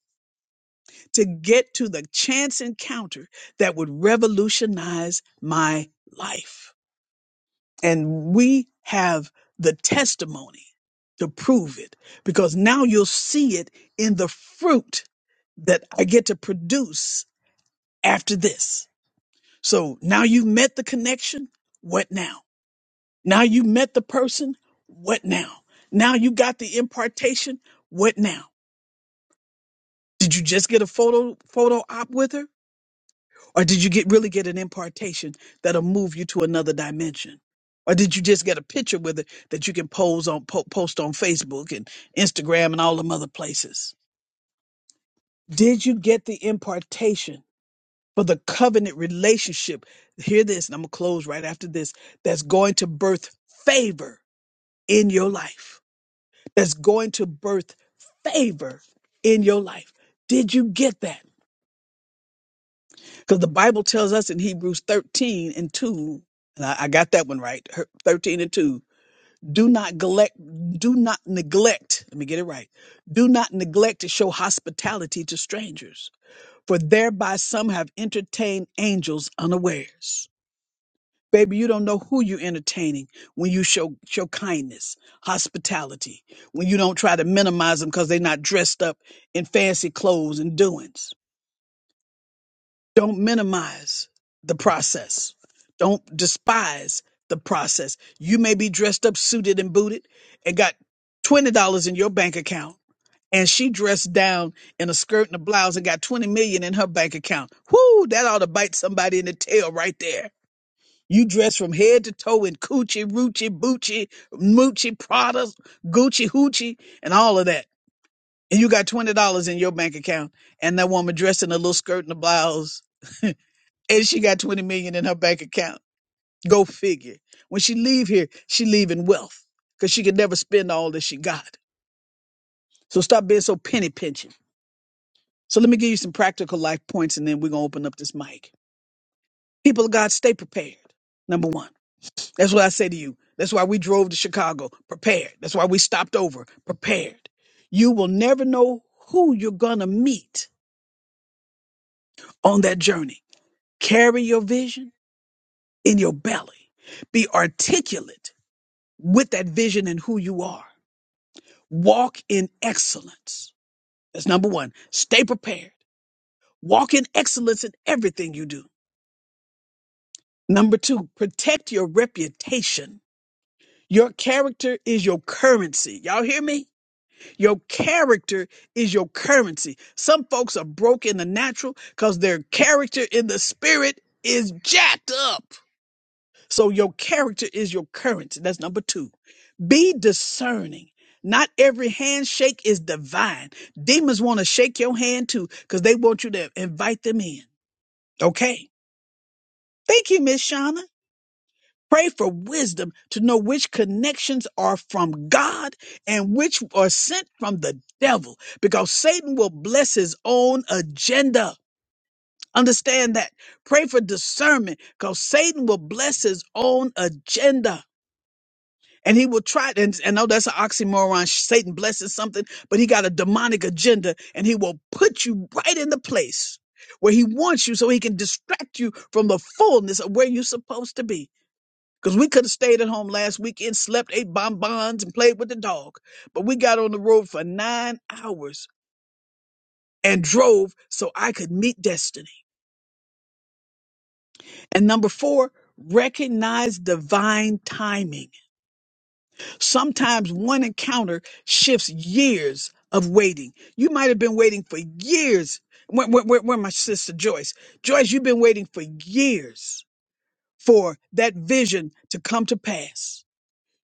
to get to the chance encounter that would revolutionize my life. And we have the testimony to prove it because now you'll see it in the fruit that I get to produce after this. So now you've met the connection. What now? Now you met the person. What now? Now you got the impartation. What now? Did you just get a photo photo op with her? Or did you get really get an impartation that'll move you to another dimension? Or did you just get a picture with it that you can pose on po- post on Facebook and Instagram and all them other places? Did you get the impartation for the covenant relationship? Hear this, and I'm gonna close right after this. That's going to birth favor in your life. That's going to birth favor in your life. Did you get that? Because the Bible tells us in Hebrews 13 and 2, and I, I got that one right, her- 13 and 2, do not neglect, do not neglect, let me get it right, do not neglect to show hospitality to strangers, for thereby some have entertained angels unawares. Baby, you don't know who you're entertaining when you show show kindness, hospitality, when you don't try to minimize them because they're not dressed up in fancy clothes and doings Don't minimize the process. Don't despise the process. You may be dressed up, suited, and booted and got $20 in your bank account. And she dressed down in a skirt and a blouse and got 20 million in her bank account. Whoo, that ought to bite somebody in the tail right there. You dress from head to toe in coochie, roochie, boochie, moochie, Prada, Gucci, hoochie, and all of that. And you got $20 in your bank account. And that woman dressed in a little skirt and a blouse and she got 20 million in her bank account. Go figure. When she leave here, she leave in wealth because she could never spend all that she got. So stop being so penny pinching. So let me give you some practical life points and then we're going to open up this mic. People of God, stay prepared. Number one. That's what I say to you. That's why we drove to Chicago prepared. That's why we stopped over prepared. You will never know who you're going to meet on that journey. Carry your vision in your belly. Be articulate with that vision and who you are. Walk in excellence. That's number one. Stay prepared. Walk in excellence in everything you do. Number two, protect your reputation. Your character is your currency. Y'all hear me? Your character is your currency. Some folks are broke in the natural because their character in the spirit is jacked up. So your character is your currency. That's number two. Be discerning. Not every handshake is divine. Demons want to shake your hand too because they want you to invite them in. Okay. Thank you, Miss Shauna. Pray for wisdom to know which connections are from God and which are sent from the devil because Satan will bless his own agenda. Understand that. Pray for discernment because Satan will bless his own agenda. And he will try, and I know that's an oxymoron. Satan blesses something, but he got a demonic agenda, and he will put you right in the place where he wants you so he can distract you from the fullness of where you're supposed to be. Because we could have stayed at home last weekend, slept, ate bonbons, and played with the dog. But we got on the road for nine hours and drove so I could meet destiny. And number four, recognize divine timing. Sometimes one encounter shifts years of waiting. You might have been waiting for years. Where, where, where, where my sister Joyce? Joyce, you've been waiting for years for that vision to come to pass.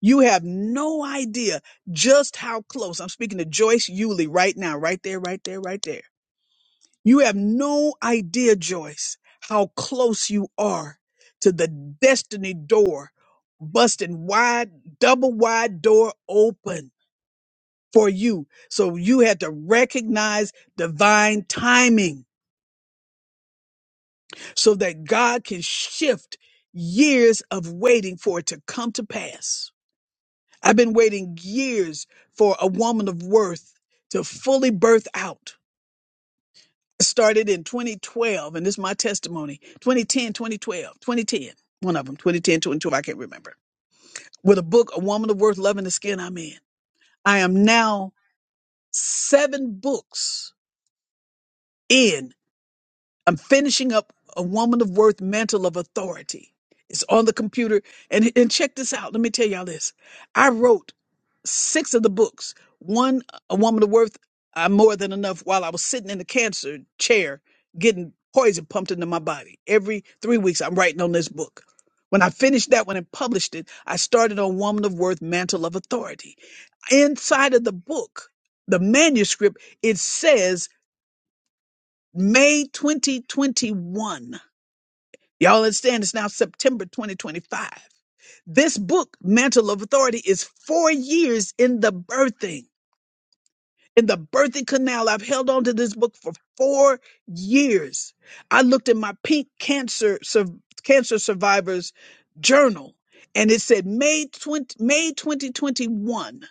You have no idea just how close. I'm speaking to Joyce Eulie right now, right there, right there, right there. You have no idea, Joyce, how close you are to the destiny door busting wide, double wide door open for you. So you had to recognize divine timing so that God can shift years of waiting for it to come to pass. I've been waiting years for a woman of worth to fully birth out. It started in 2012, and this is my testimony 2010, 2012, 2010, one of them, 2010, 2012, I can't remember. With a book, A Woman of Worth, Loving the Skin I'm In. I am now seven books in I'm finishing up a woman of worth mantle of authority. It's on the computer. And, and check this out. Let me tell y'all this. I wrote six of the books. One, A Woman of Worth, I'm More Than Enough, while I was sitting in the cancer chair getting poison pumped into my body. Every three weeks, I'm writing on this book. When I finished that one and published it, I started on Woman of Worth, Mantle of Authority. Inside of the book, the manuscript, it says May 2021. Y'all understand it's now September 2025. This book, Mantle of Authority, is four years in the birthing, in the birthing canal. I've held on to this book for four years. I looked at my pink cancer sur- cancer survivors journal, and it said May 20, May 2021.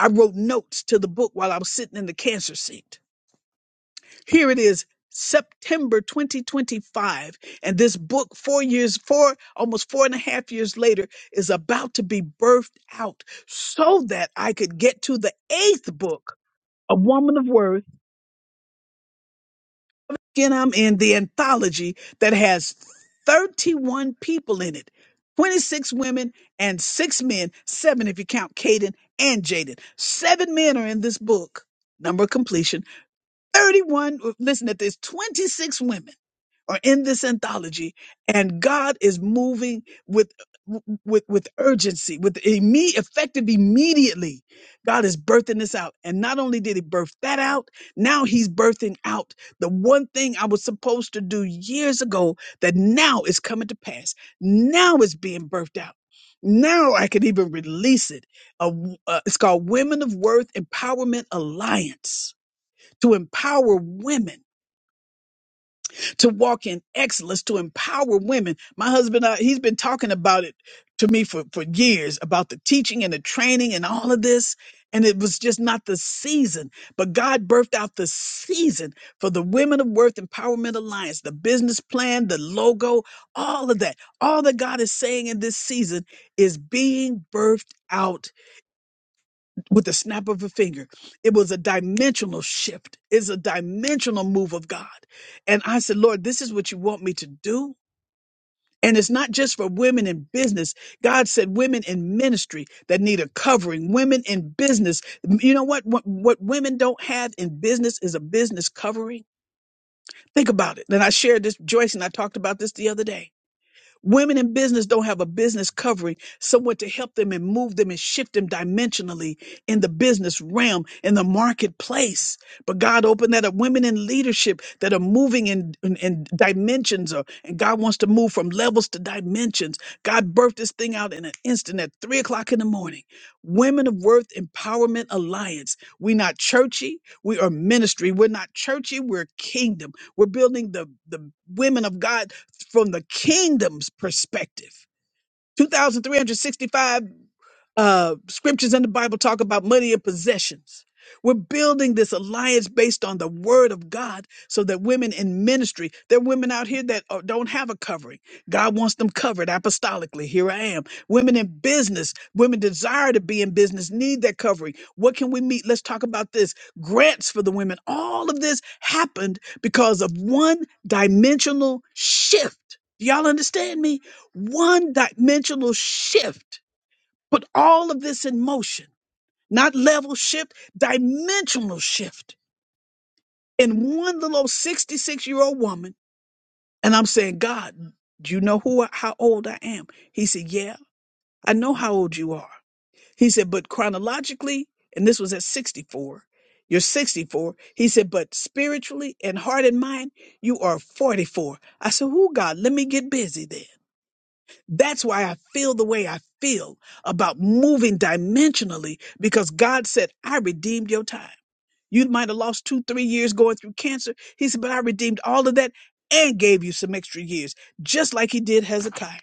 I wrote notes to the book while I was sitting in the cancer seat. Here it is, September 2025. And this book, four years, four, almost four and a half years later, is about to be birthed out so that I could get to the eighth book, A Woman of Worth. Again, I'm in the anthology that has 31 people in it 26 women and six men, seven if you count Caden and Jaden. Seven men are in this book. Number completion 31. Listen, that there's 26 women. are in this anthology and God is moving with with with urgency with imme- effective immediately God is birthing this out and not only did he birth that out now he's birthing out the one thing I was supposed to do years ago that now is coming to pass now it's being birthed out now I can even release it A w- uh, it's called Women of Worth Empowerment Alliance to empower women to walk in excellence, to empower women. My husband, uh, he's been talking about it to me for, for years about the teaching and the training and all of this. And it was just not the season, but God birthed out the season for the Women of Worth Empowerment Alliance, the business plan, the logo, all of that. All that God is saying in this season is being birthed out with the snap of a finger. It was a dimensional shift. It's a dimensional move of God. And I said, Lord, this is what you want me to do. And it's not just for women in business. God said women in ministry that need a covering, women in business. You know what? What, what women don't have in business is a business covering. Think about it. And I shared this, Joyce and I talked about this the other day Women in business don't have a business covering, someone to help them and move them and shift them dimensionally in the business realm, in the marketplace. But God opened that up. Women in leadership that are moving in, in, in dimensions, or, and God wants to move from levels to dimensions. God birthed this thing out in an instant at three o'clock in the morning. Women of Worth Empowerment Alliance. We're not churchy, we are ministry. We're not churchy, we're kingdom. We're building the, the women of God from the kingdom's perspective. 2,365 uh, scriptures in the Bible talk about money and possessions. We're building this alliance based on the word of God so that women in ministry, there are women out here that uh, don't have a covering. God wants them covered apostolically. Here I am. Women in business, women desire to be in business, need that covering. What can we meet? Let's talk about this. Grants for the women. All of this happened because of one dimensional shift. Do y'all understand me? One dimensional shift put all of this in motion, not level shift, dimensional shift in one little 66 year old woman. And I'm saying, God, do you know who I- how old I am? He said, Yeah, I know how old you are. He said, but chronologically, and this was at 64, you're 64. He said, but spiritually and heart and mind, you are 44. I said, Oh God, let me get busy then. That's why I feel the way I feel about moving dimensionally because God said, I redeemed your time. You might have lost two, three years going through cancer. He said, but I redeemed all of that and gave you some extra years, just like he did Hezekiah.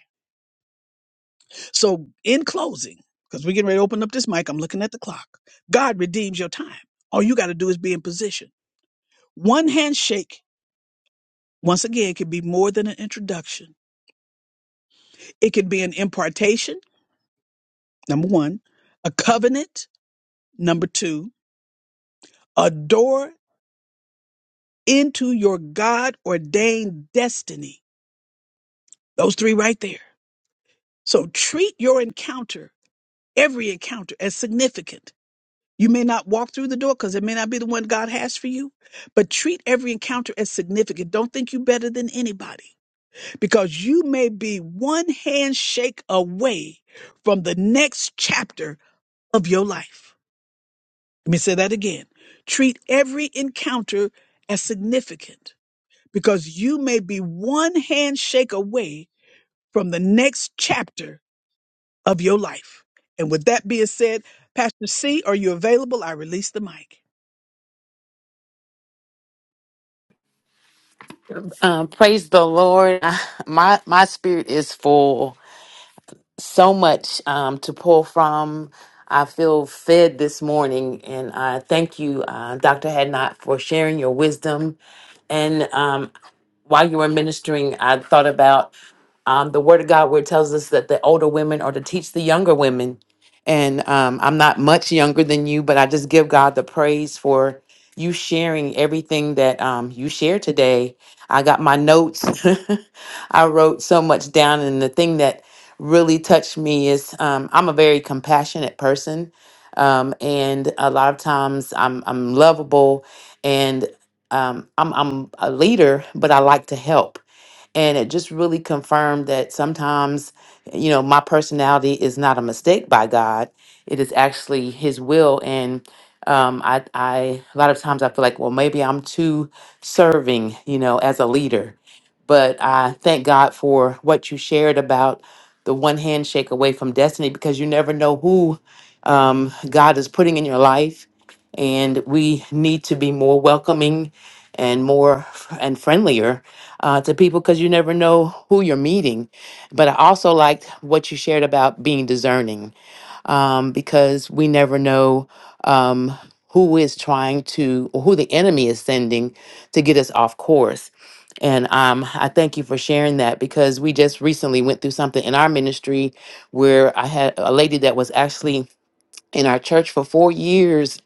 So, in closing, because we're getting ready to open up this mic, I'm looking at the clock. God redeems your time. All you got to do is be in position. One handshake, once again, can be more than an introduction, it can be an impartation, number one, a covenant, number two a door into your God ordained destiny. Those three right there. So treat your encounter, every encounter, as significant. You may not walk through the door because it may not be the one God has for you, but treat every encounter as significant. Don't think you are better than anybody because you may be one handshake away from the next chapter of your life. Let me say that again. Treat every encounter as significant because you may be one handshake away from the next chapter of your life. And with that being said, Pastor C, are you available? I release the mic.
Um, praise the Lord. My my spirit is full. so much um, to pull from. I feel fed this morning, and I thank you, uh, Dr. Hadnot, for sharing your wisdom. And um, while you were ministering, I thought about um, the Word of God where it tells us that the older women are to teach the younger women. And um, I'm not much younger than you, but I just give God the praise for you sharing everything that um, you shared today. I got my notes. I wrote so much down, and the thing that really touched me is um, I'm a very compassionate person, um, and a lot of times I'm I'm lovable, um, I'm, I'm a leader, but I like to help. And it just really confirmed that sometimes, you know, my personality is not a mistake by God. It is actually His will. And um, I, I, a lot of times I feel like, well, maybe I'm too serving, you know, as a leader. But I thank God for what you shared about the one handshake away from destiny because you never know who um, God is putting in your life and we need to be more welcoming and more and friendlier uh, to people because you never know who you're meeting. But I also liked what you shared about being discerning um, because we never know um, who is trying to or who the enemy is sending to get us off course. And um, I thank you for sharing that because we just recently went through something in our ministry where I had a lady that was actually in our church for four years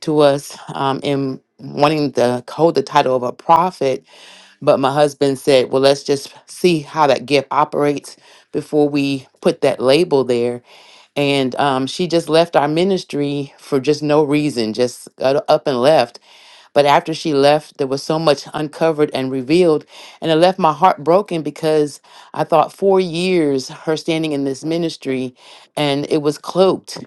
to us um, in wanting to hold the title of a prophet, but my husband said, "Well, let's just see how that gift operates before we put that label there." And um, she just left our ministry for just no reason, just got up and left. But after she left, there was so much uncovered and revealed, and it left my heart broken because I thought four years her standing in this ministry, and it was cloaked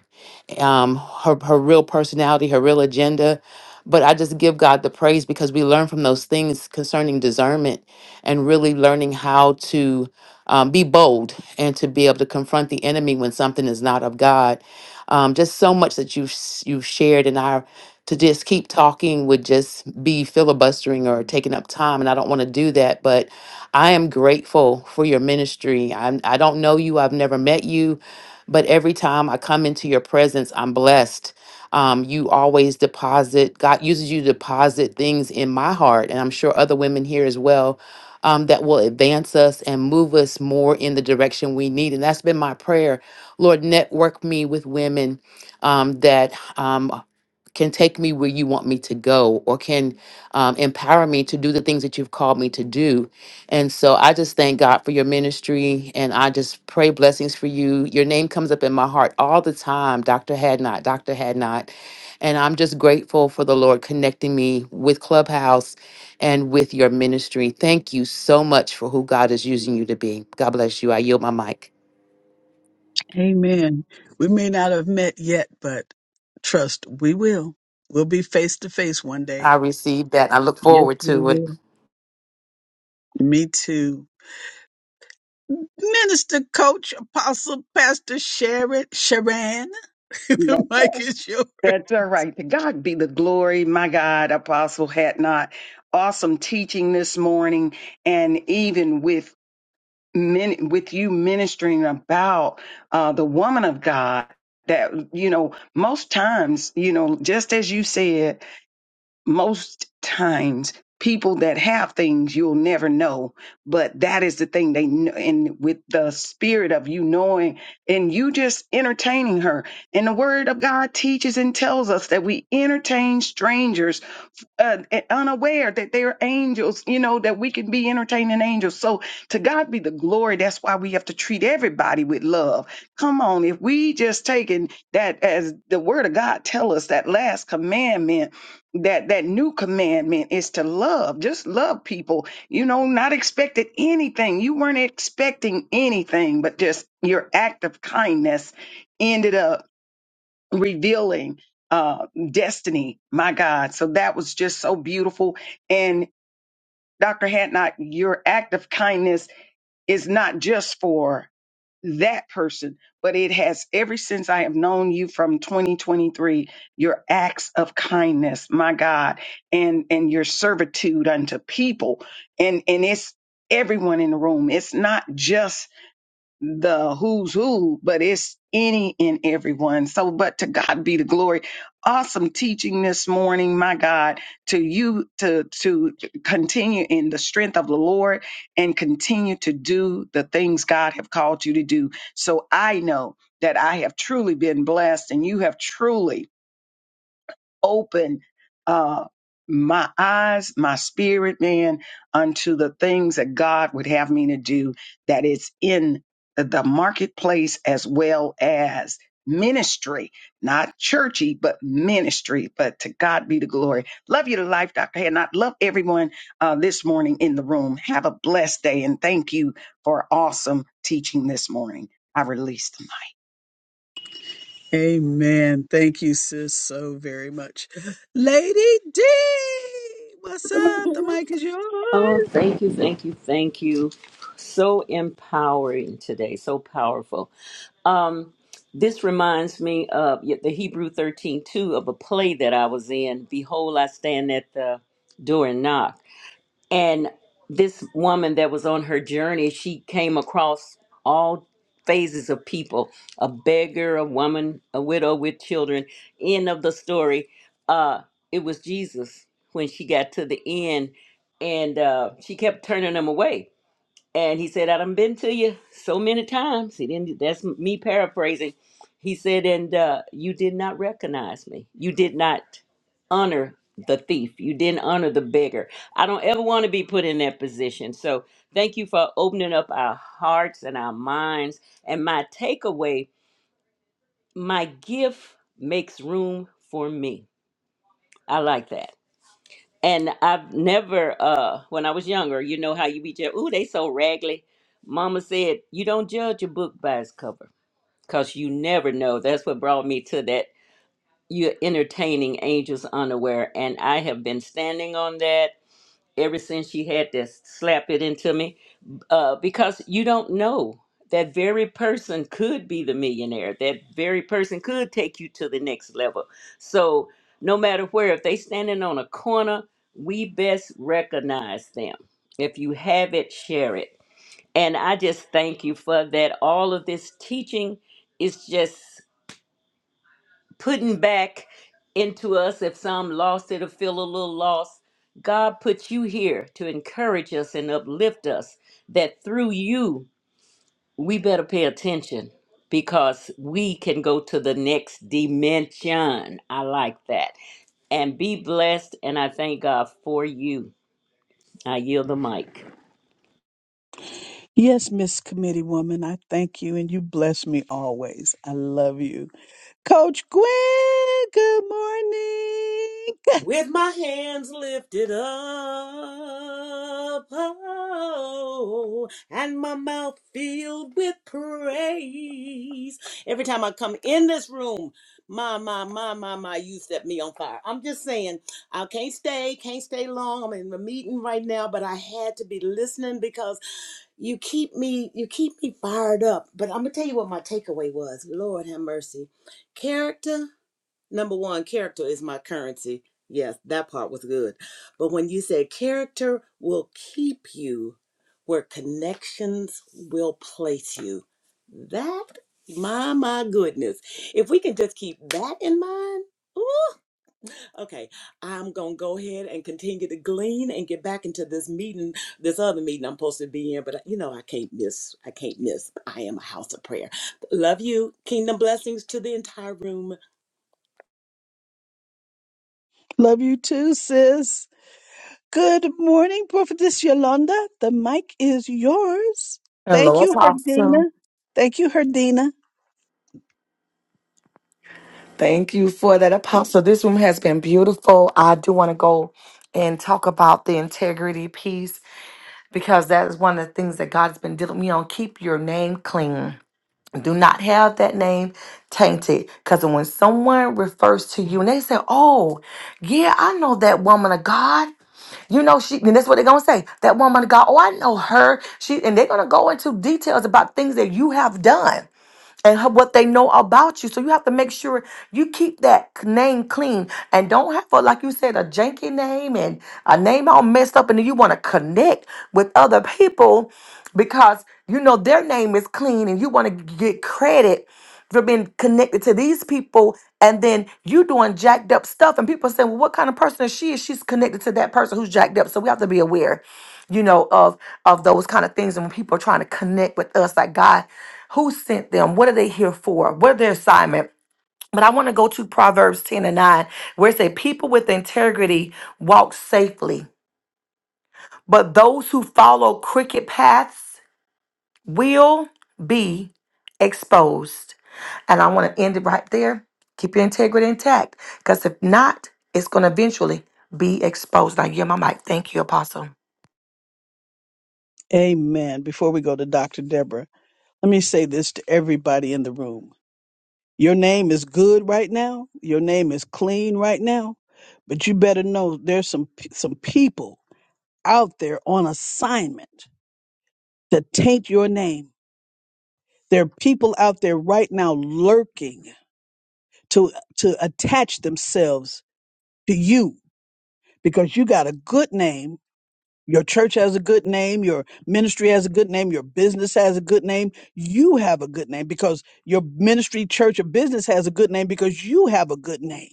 um, her her real personality, her real agenda. But I just give God the praise because we learn from those things concerning discernment and really learning how to um, be bold and to be able to confront the enemy when something is not of God. Um, just so much that you you shared, and I to just keep talking would just be filibustering or taking up time, and I don't want to do that. But I am grateful for your ministry. I'm, I don't know you. I've never met you but every time I come into your presence, I'm blessed. Um, you always deposit, God uses you to deposit things in my heart, and I'm sure other women here as well, um, that will advance us and move us more in the direction we need. And that's been my prayer. Lord, network me with women um, that um, can take me where you want me to go or can um, empower me to do the things that you've called me to do and so i just thank god for your ministry and i just pray blessings for you your name comes up in my heart all the time dr hadnot dr hadnot and i'm just grateful for the lord connecting me with clubhouse and with your ministry thank you so much for who god is using you to be god bless you i yield my mic
Amen. We may not have met yet, but trust we will. We'll be face to face one
i
day.
received that i look
Yes,
forward
we
to it
will. Me too. Minister, coach, apostle, pastor, Sharon, Sharan. the mic is yours.
That's all right. To God be the glory, my God, Apostle had not Awesome teaching this morning, and even with min- with you ministering about uh, the woman of God. That you know, most times, you know, just as you said most times people that have things you'll never know but that is the thing they know and with the spirit of you knowing and you just entertaining her and the word of god teaches and tells us that we entertain strangers uh, unaware that they're angels, you know, that we can be entertaining angels. So to God be the glory. That's why we have to treat everybody with love. Come on. If we just taking that as the word of God tell us that last commandment, that, that new commandment is to love, just love people, you know, not expected anything. You weren't expecting anything, but just your act of kindness ended up revealing uh destiny my god so that was just so beautiful and dr hatnot your act of kindness is not just for that person but it has ever since i have known you from 2023 your acts of kindness my god and and your servitude unto people and and it's everyone in the room it's not just the who's who, but it's any and everyone. So, but to God be the glory. Awesome teaching this morning, my God, to you to to continue in the strength of the Lord and continue to do the things God have called you to do. So I know that I have truly been blessed and you have truly open uh, my eyes, my spirit, man, unto the things that God would have me to do, That is in the marketplace as well as ministry, not churchy, but ministry. But to God be the glory. Love you to life, Dr. Hand. I love everyone uh, this morning in the room. Have a blessed day and thank you for awesome teaching this morning. I released.
Amen. Thank you, sis, so very much. Lady D, what's up? The mic is yours.
Oh, thank you, thank you, thank you. So empowering today, so powerful. Um, this reminds me of y- the Hebrew 13 2 of a play that I was in. Behold, I stand at the door and knock and this woman that was on her journey she came across all phases of people a beggar a woman a widow with children end of the story uh it was jesus when she got to the end and uh she kept turning him away and he said, I done been to you so many times. He didn't, that's me paraphrasing. He said, and uh, you did not recognize me. You did not honor the thief. You didn't honor the beggar. I don't ever want to be put in that position. So thank you for opening up our hearts and our minds. And my takeaway, my gift makes room for me. I like that and I've never, uh, when I was younger, you know how you be judged. Ooh, they so raggedy. Mama said, you don't judge a book by its cover because you never know. That's what brought me to that. You're entertaining angels unaware. And I have been standing on that ever since she had to slap it into me uh, because you don't know that very person could be the millionaire that very person could take you to the next level so no matter where if they standing on a corner we best recognize them if you have it share it and i just thank you for that all of this teaching is just putting back into us if some lost it or feel a little lost god put you here to encourage us and uplift us that through you we better pay attention because we can go to the next dimension. I like that. And be blessed. And I thank God for you. I yield the mic.
Yes, Miss Committee Woman, I thank you and you bless me always. I love you. Coach Gwen, good morning.
with my hands lifted up oh, and my mouth filled with praise every time i come in this room my my my my my you set me on fire i'm just saying i can't stay can't stay long i'm in the meeting right now but i had to be listening because you keep me you keep me fired up but i'm gonna tell you what my takeaway was lord have mercy character number one, character is my currency. Yes, that part was good. But when you said character will keep you where connections will place you, that, my, my goodness. If we can just keep that in mind, ooh, okay. I'm going to go ahead and continue to glean and get back into this meeting, this other meeting I'm supposed to be in, but uh, you know, I can't miss. I can't miss. I am a house of prayer. Love you. Kingdom blessings to the entire room.
Love you too, sis. Good morning, Prophetess Yolanda. The mic is yours. Thank
Hello,
you,
Apostle.
Herdina. Thank you, Herdina.
Thank you for that, Apostle. This room has been beautiful. I do want to go and talk about the integrity piece because that is one of the things that God's been dealing with me on. Keep your name clean. Do not have that name tainted. Because when someone refers to you and they say, Oh, yeah, I know that woman of God. You know, she, and that's what they're gonna say. That woman of God, oh, I know her. She, and they're gonna go into details about things that you have done. and ho- what they know about you. So you have to make sure you keep that c- name clean and don't have a like you said a janky name and a name all messed up, and then you want to connect with other people because you know their name is clean and you want to get credit for being connected to these people and then you doing jacked up stuff and people saying well what kind of person is she is she's connected to that person who's jacked up so we have to be aware you know of of those kind of things and when people are trying to connect with us like god who sent them? What are they here for? What their assignment? But I want to go to Proverbs 10 and 9, where it says, People with integrity walk safely, but those who follow crooked paths will be exposed. And I want to end it right there. Keep your integrity intact, because if not, it's going to eventually be exposed. Now, yeah, my mic. Thank you, Apostle.
Amen. Before we go to Dr. Deborah, let me say this to everybody in the room. Your name is good right now. Your name is clean right now. But you better know there's some p- some people out there on assignment to taint your name. There are people out there right now lurking to to attach themselves to you because you got a good name. Your church has a good name, your ministry has a good name, your business has a good name. You have a good name because your ministry, church, or business has a good name because you have a good name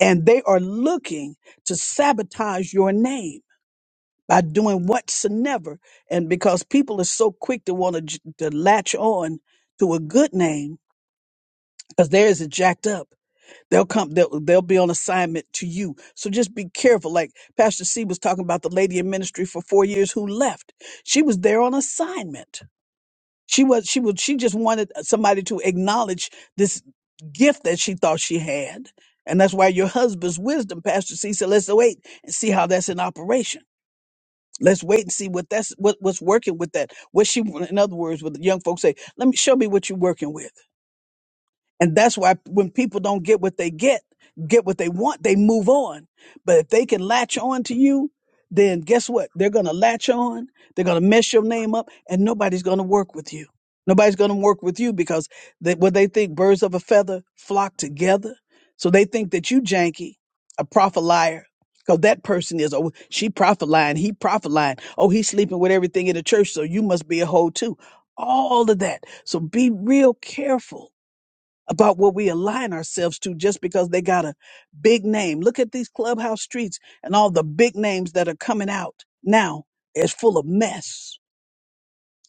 and they are looking to sabotage your name by doing whatsoever. And because people are so quick to want to, to latch on to a good name because theirs is jacked up. They'll come. They'll, they'll be on assignment to you. So just be careful. Like Pastor C was talking about the lady in ministry for four years who left. She was there on assignment she was she was she just wanted uh, somebody to acknowledge this gift that she thought she had. And that's why your husband's wisdom, Pastor C said, let's wait and see how that's in operation. Let's wait and see what that's what, what's working with that. What she in other words, what the young folks say, let me show me what you're working with. And that's why when people don't get what they get, get what they want, they move on. But if they can latch on to you, then guess what? They're going to latch on. They're going to mess your name up and nobody's going to work with you. Nobody's going to work with you because they, what they think birds of a feather flock together. So they think that you janky, a prophet liar. Because that person is, oh, she prophet lying, he prophet lying. Oh, he's sleeping with everything in the church, so you must be a hoe too. All of that. So be real careful about what we align ourselves to just because they got a big name. Look at these clubhouse streets and all the big names that are coming out now. It's full of mess,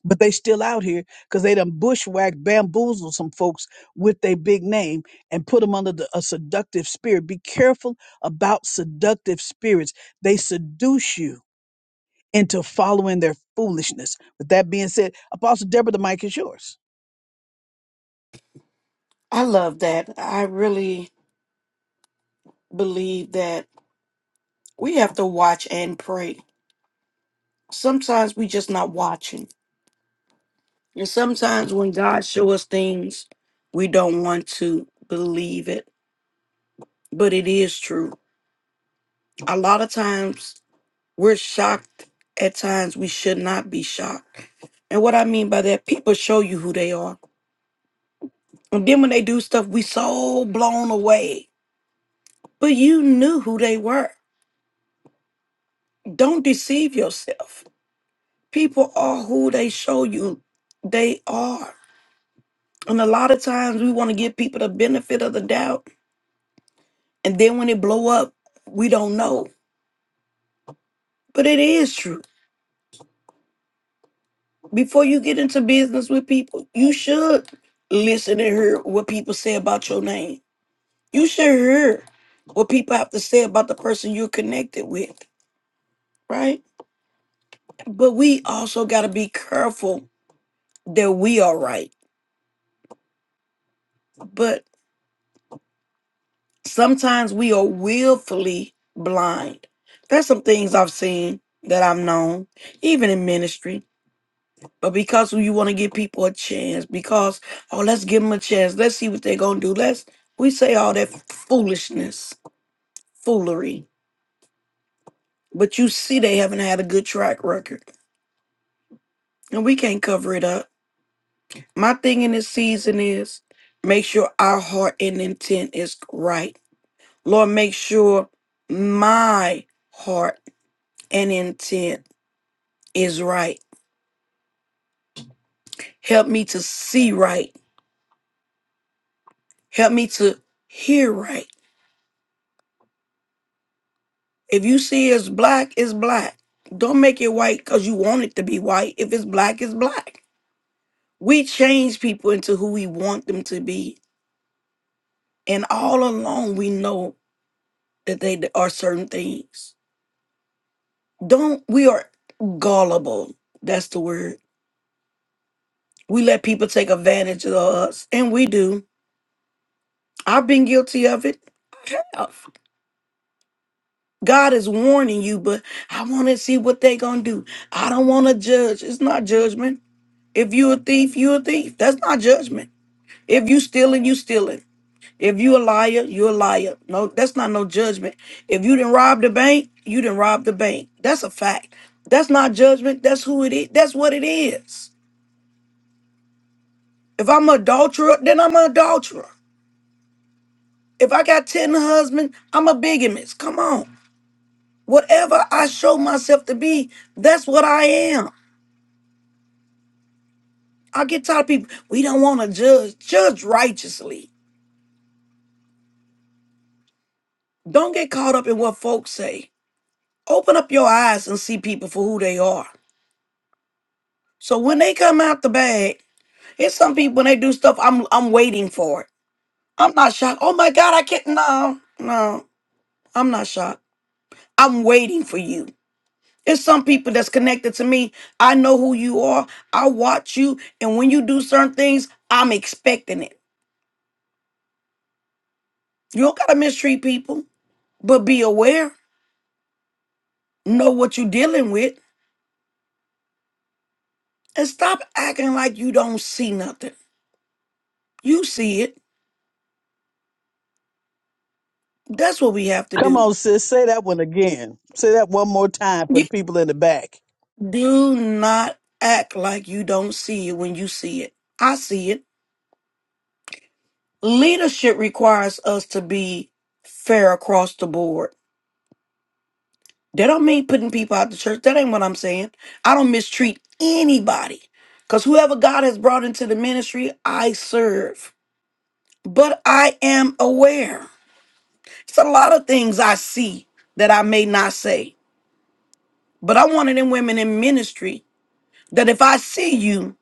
but they still out here because they done bushwhacked, bamboozled some folks with their big name and put them under the, a seductive spirit. Be careful about seductive spirits. They seduce you into following their foolishness. With that being said, Apostle Deborah, the mic is yours.
I love that. I really believe that we have to watch and pray. Sometimes we just not watching. And sometimes when God show us things, we don't want to believe it, but it is true. A lot of times we're shocked at times we should not be shocked. And what I mean by that, people show you who they are. And then when they do stuff, we so blown away. But you knew who they were. Don't deceive yourself People are who they show you they are. And a lot of times we want to give people the benefit of the doubt. And then when it blow up, we don't know. But it is true. Before you get into business with people, you should listen and hear what people say about your name. You should hear what people have to say about the person you're connected with, right? But we also got to be careful that we are right. but. Sometimes we are willfully blind. There's some things I've seen that I've known, even in ministry. But because you want to give people a chance, because oh, let's give them a chance. Let's see what they're gonna do. Let's we say all that foolishness, foolery. But you see they haven't had a good track record. And we can't cover it up. My thing in this season is make sure our heart and intent is right. Lord, make sure my heart and intent is right. Help me to see right. Help me to hear right. If you see it's black, it's black. Don't make it white because you want it to be white. If it's black, it's black. We change people into who we want them to be. And all along, we know that they are certain things. Don't, we are gullible. That's the word. We let people take advantage of us, and we do. I've been guilty of it. I have. God is warning you, but I want to see what they gonna do. I don't want to judge. It's not judgment. If you a thief, you a thief. That's not judgment. If you stealing, you stealing. If you a liar, you a liar. No, that's not no judgment. If you didn't rob the bank, you didn't rob the bank. That's a fact. That's not judgment. That's who it is. That's what it is. If I'm an adulterer, then I'm an adulterer. If I got 10 husbands, I'm a bigamist. Come on. Whatever I show myself to be, that's what I am. I get tired of people. We don't want to judge. Judge righteously. Don't get caught up in what folks say. Open up your eyes and see people for who they are. So when they come out the bag, it's some people when they do stuff, I'm I'm waiting for it. I'm not shocked. Oh my God, I can't. No, no, I'm not shocked. I'm waiting for you. It's some people that's connected to me. I know who you are. I watch you, and when you do certain things, I'm expecting it. You don't gotta mistreat people, but be aware. Know what you're dealing with And stop acting like you don't see nothing. You see it. That's what we have to
Come
do.
on, sis. Say that one again. Say that one more time for
You
the people in the back.
do not act like you don't see it when you see it. I see it. Leadership requires us to be fair across the board. That don't mean putting people out the church. That ain't what I'm saying. I don't mistreat anybody. Because whoever God has brought into the ministry, I serve. But I am aware. It's a lot of things I see that I may not say. But I'm one of them women in ministry that if I see you,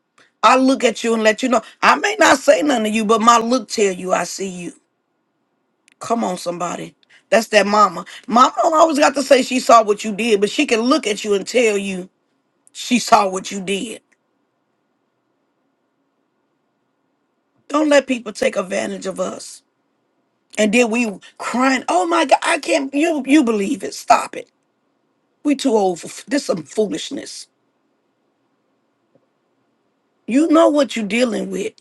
I look at you and let you know. I may not say nothing to you, but my look tell you I see you. Come on, somebody. That's that mama. Mama don't always got to say she saw what you did, but she can look at you and tell you she saw what you did. Don't let people take advantage of us. And then we crying, oh my God, I can't, you, you believe it. Stop it. We too old for f- this some foolishness. You know what you're dealing with.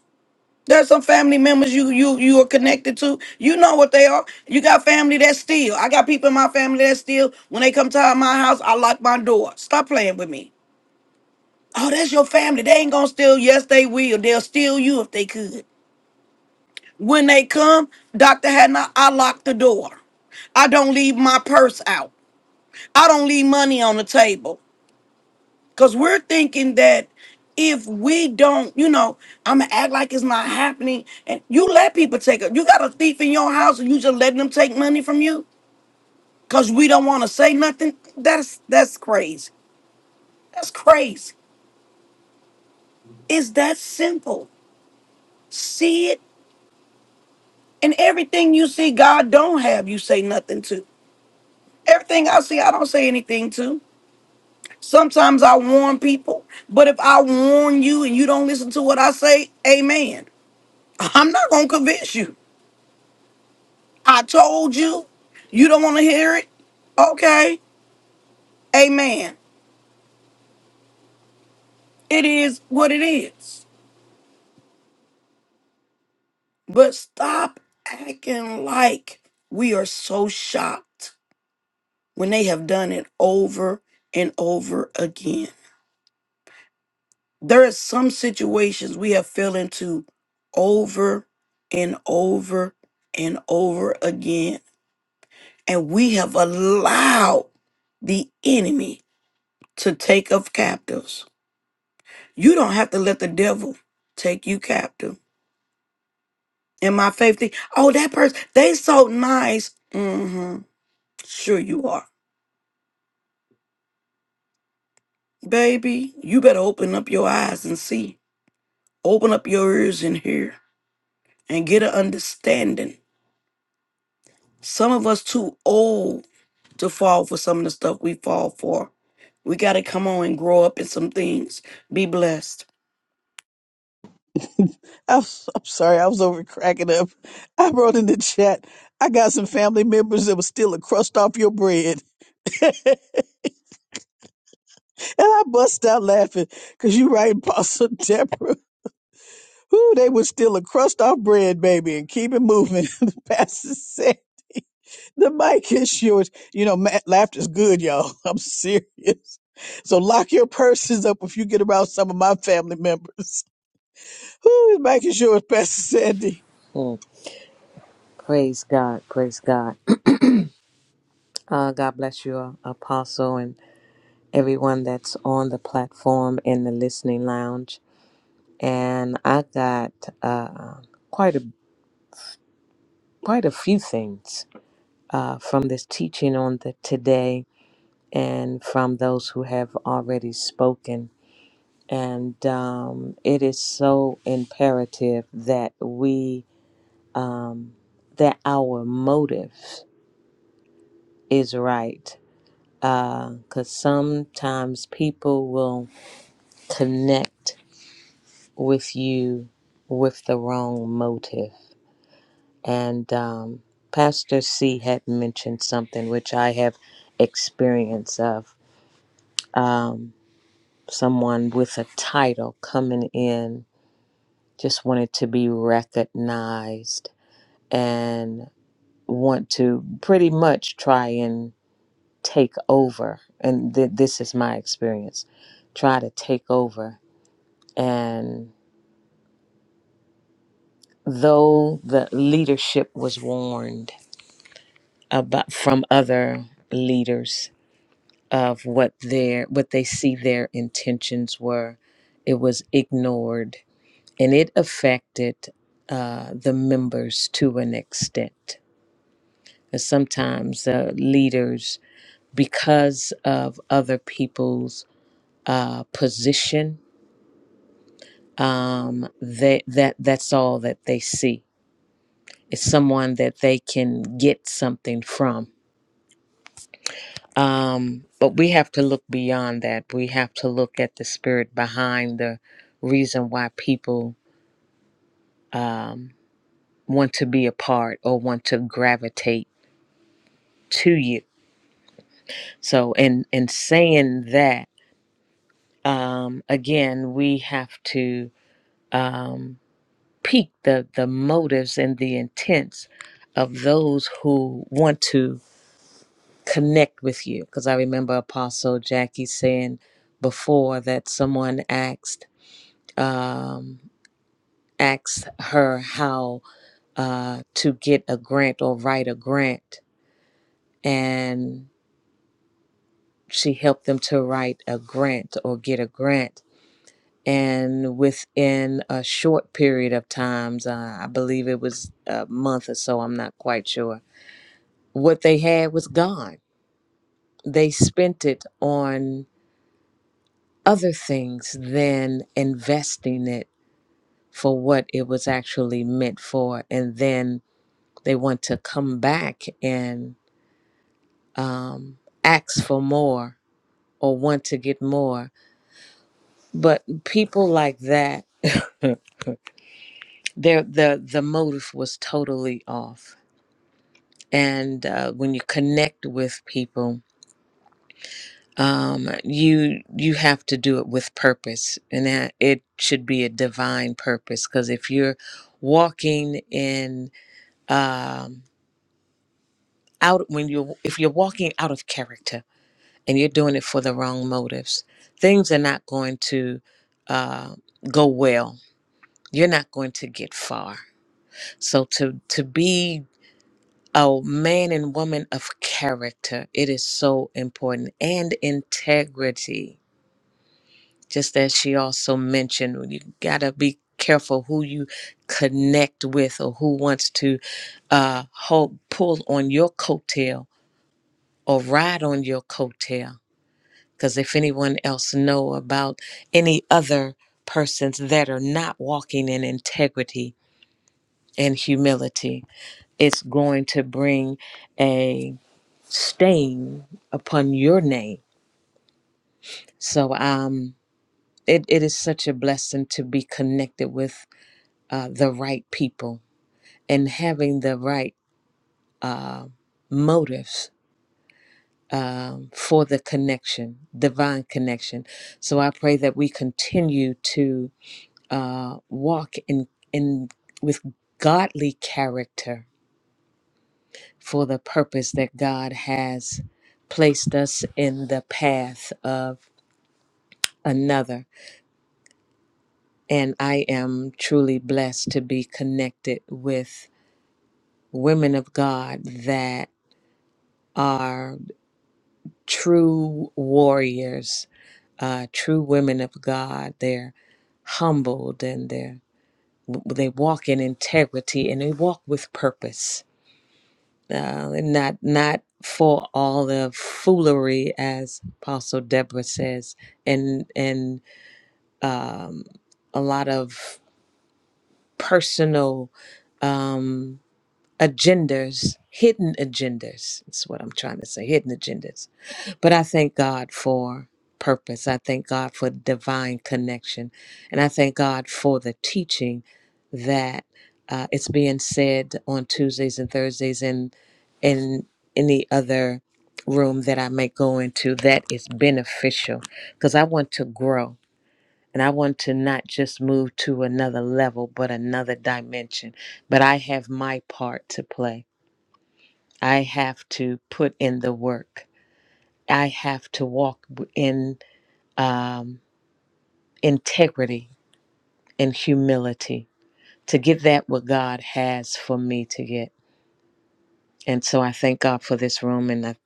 There's some family members you you you are connected to. You know what they are. You got family that steal. I got people in my family that steal. When they come to my house, I lock my door. Stop playing with me. Oh, that's your family. They ain't gonna steal. Yes, they will. They'll steal you if they could. When they come, Dr. Hadna, I lock the door. I don't leave my purse out. I don't leave money on the table. Because we're thinking that if we don't, you know, I'm going to act like it's not happening. And you let people take it. You got a thief in your house and you just letting them take money from you because we don't want to say nothing. That's that's crazy. That's crazy. It's that simple. See it. And everything you see God don't have, you say nothing to. Everything I see, I don't say anything to. Sometimes I warn people, but if I warn you and you don't listen to what I say, amen. I'm not going to convince you. I told you. You don't want to hear it? Okay. Amen. It is what it is. But stop acting like we are so shocked when they have done it over and over again. There are some situations we have fell into over and over and over again. And we have allowed the enemy to take of captives You don't have to let the devil take you captive. And my faith thing, oh, that person, they so nice. Mm-hmm. Sure you are. Baby, you better open up your eyes and see. Open up your ears and hear and get an understanding. Some of us too old to fall for some of the stuff we fall for. We gotta come on and grow up in some things. Be blessed.
I'm, I'm sorry. I was over cracking up. I wrote in the chat. I got some family members that was still a crust off your bread. And I bust out laughing because you right, Apostle Deborah. Who they was still a crust off bread, baby, and keep it moving. the pastor said, the mic is yours. You know, ma- laughter's good, y'all. I'm serious. So lock your purses up if you get around some of my family members. Who is back? Is yours, Pastor Sandy?
Mm, Praise God. Praise God. Uh, God bless you, uh, Apostle, and everyone that's on the platform in the listening lounge. And I got uh, quite a quite a few things uh, from this teaching on the today, and from those who have already spoken. And um, it is so imperative that we um, that our motive is right because sometimes people will connect with you with the wrong motive. And um, Pastor C had mentioned something which I have experience of um, someone with a title coming in just wanted to be recognized and want to pretty much try and take over. And th- this is my experience try to take over and though the leadership was warned about from other leaders of what their what they see their intentions were it was ignored and it affected uh, the members to an extent and sometimes uh, leaders because of other people's uh, position um, they, that that's all that they see It's someone that they can get something from. Um, but we have to look beyond that. We have to look at the spirit behind the reason why people um, want to be a part or want to gravitate to you. So, in in saying that, um, again, we have to um, peek the the motives and the intents of those who want to connect with you because I remember Apostle Jackie saying before that someone asked um, asked her how uh, to get a grant or write a grant, and she helped them to write a grant or get a grant. And within a short period of times, uh, I believe it was a month or so, I'm not quite sure, what they had was gone. They spent it on other things than investing it for what it was actually meant for. And then they want to come back and um, ask for more or want to get more. But people like that, their the the motive was totally off. And uh, when you connect with people, um, you you have to do it with purpose, and that it should be a divine purpose. Because if you're walking in um, out when you if you're walking out of character and you're doing it for the wrong motives, things are not going to uh, go well. You're not going to get far. So to to be a man and woman of character, it is so important and integrity. Just as she also mentioned, you gotta be careful who you connect with or who wants to uh, hold pull on your coattails or ride on your coattail. Because if anyone else know about any other persons that are not walking in integrity and humility, it's going to bring a stain upon your name. So um, it, it is such a blessing to be connected with uh, the right people and having the right uh, motives um, for the connection, divine connection. So I pray that we continue to uh, walk in in with godly character for the purpose that God has placed us in the path of another. And I am truly blessed to be connected with women of God that are true warriors uh, true women of God. They're humbled and they're they walk in integrity and they walk with purpose, uh, and not not for all the foolery, as Apostle Deborah says, and and um, a lot of personal um, agendas, hidden agendas. That's what I'm trying to say, hidden agendas But I thank God for purpose. I thank God for divine connection. And I thank God for the teaching that uh, it's being said on Tuesdays and Thursdays and in any other room that I may go into that is beneficial because I want to grow. And I want to not just move to another level, but another dimension. But I have my part to play. I have to put in the work. I have to walk w- in um, integrity and humility to get that what God has for me to get. And so I thank God for this room, and I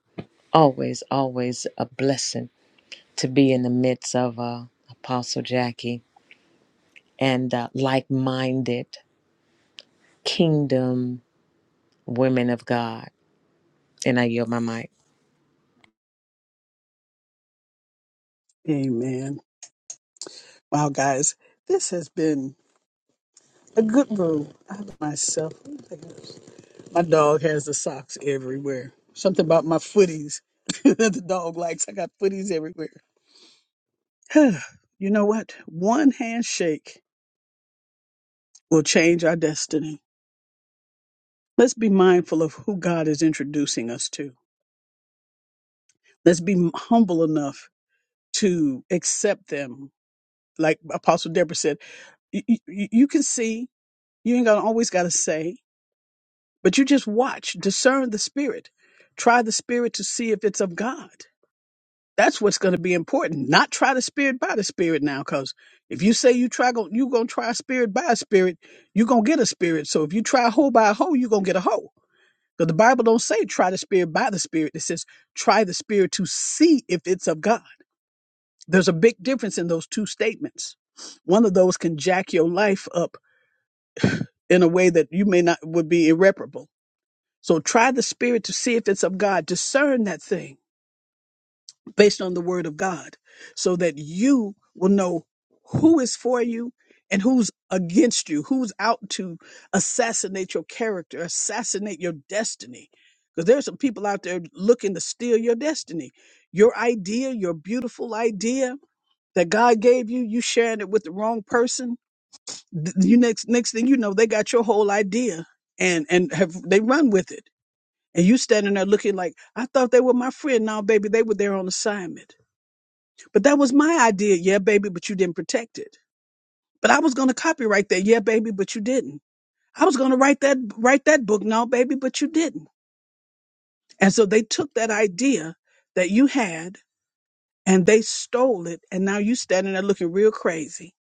always, always a blessing to be in the midst of uh, Apostle Jackie and uh, like minded kingdom women of God. And I yield my mic.
Amen. Wow, guys, this has been a good room. I myself, my dog has the socks everywhere. Something about my footies that the dog likes. I got footies everywhere. you know what? One handshake will change our destiny. Let's be mindful of who God is introducing us to. Let's be humble enough to accept them. Like Apostle Deborah said, you, you, you can see You ain't gonna always gotta say, but you just watch, discern the spirit, try the spirit to see if it's of God. That's what's gonna be important. Not try the spirit by the spirit now, because if you say you try go you gonna try spirit by spirit, you gonna get a spirit. So if you try hoe by a hoe, you gonna get a hoe. Because the Bible don't say try the spirit by the spirit. It says try the spirit to see if it's of God. There's a big difference in those two statements. One of those can jack your life up in a way that you may not would be irreparable So try the spirit to see if it's of God. Discern that thing based on the word of God so that you will know who is for you and who's against you, who's out to assassinate your character, assassinate your destiny. Because there's some people out there looking to steal your destiny. Your idea, your beautiful idea that God gave you, you sharing it with the wrong person. th- You next next thing you know, they got your whole idea and and have they run with it and you standing there looking like, I thought they were my friend. Now, baby, they were there on assignment. But that was my idea. Yeah, baby, but you didn't protect it. But I was going to copyright that. Yeah, baby, but you didn't. I was going to write that, write that book. No, baby, but you didn't. And so they took that idea that you had and they stole it. And now you standing there looking real crazy.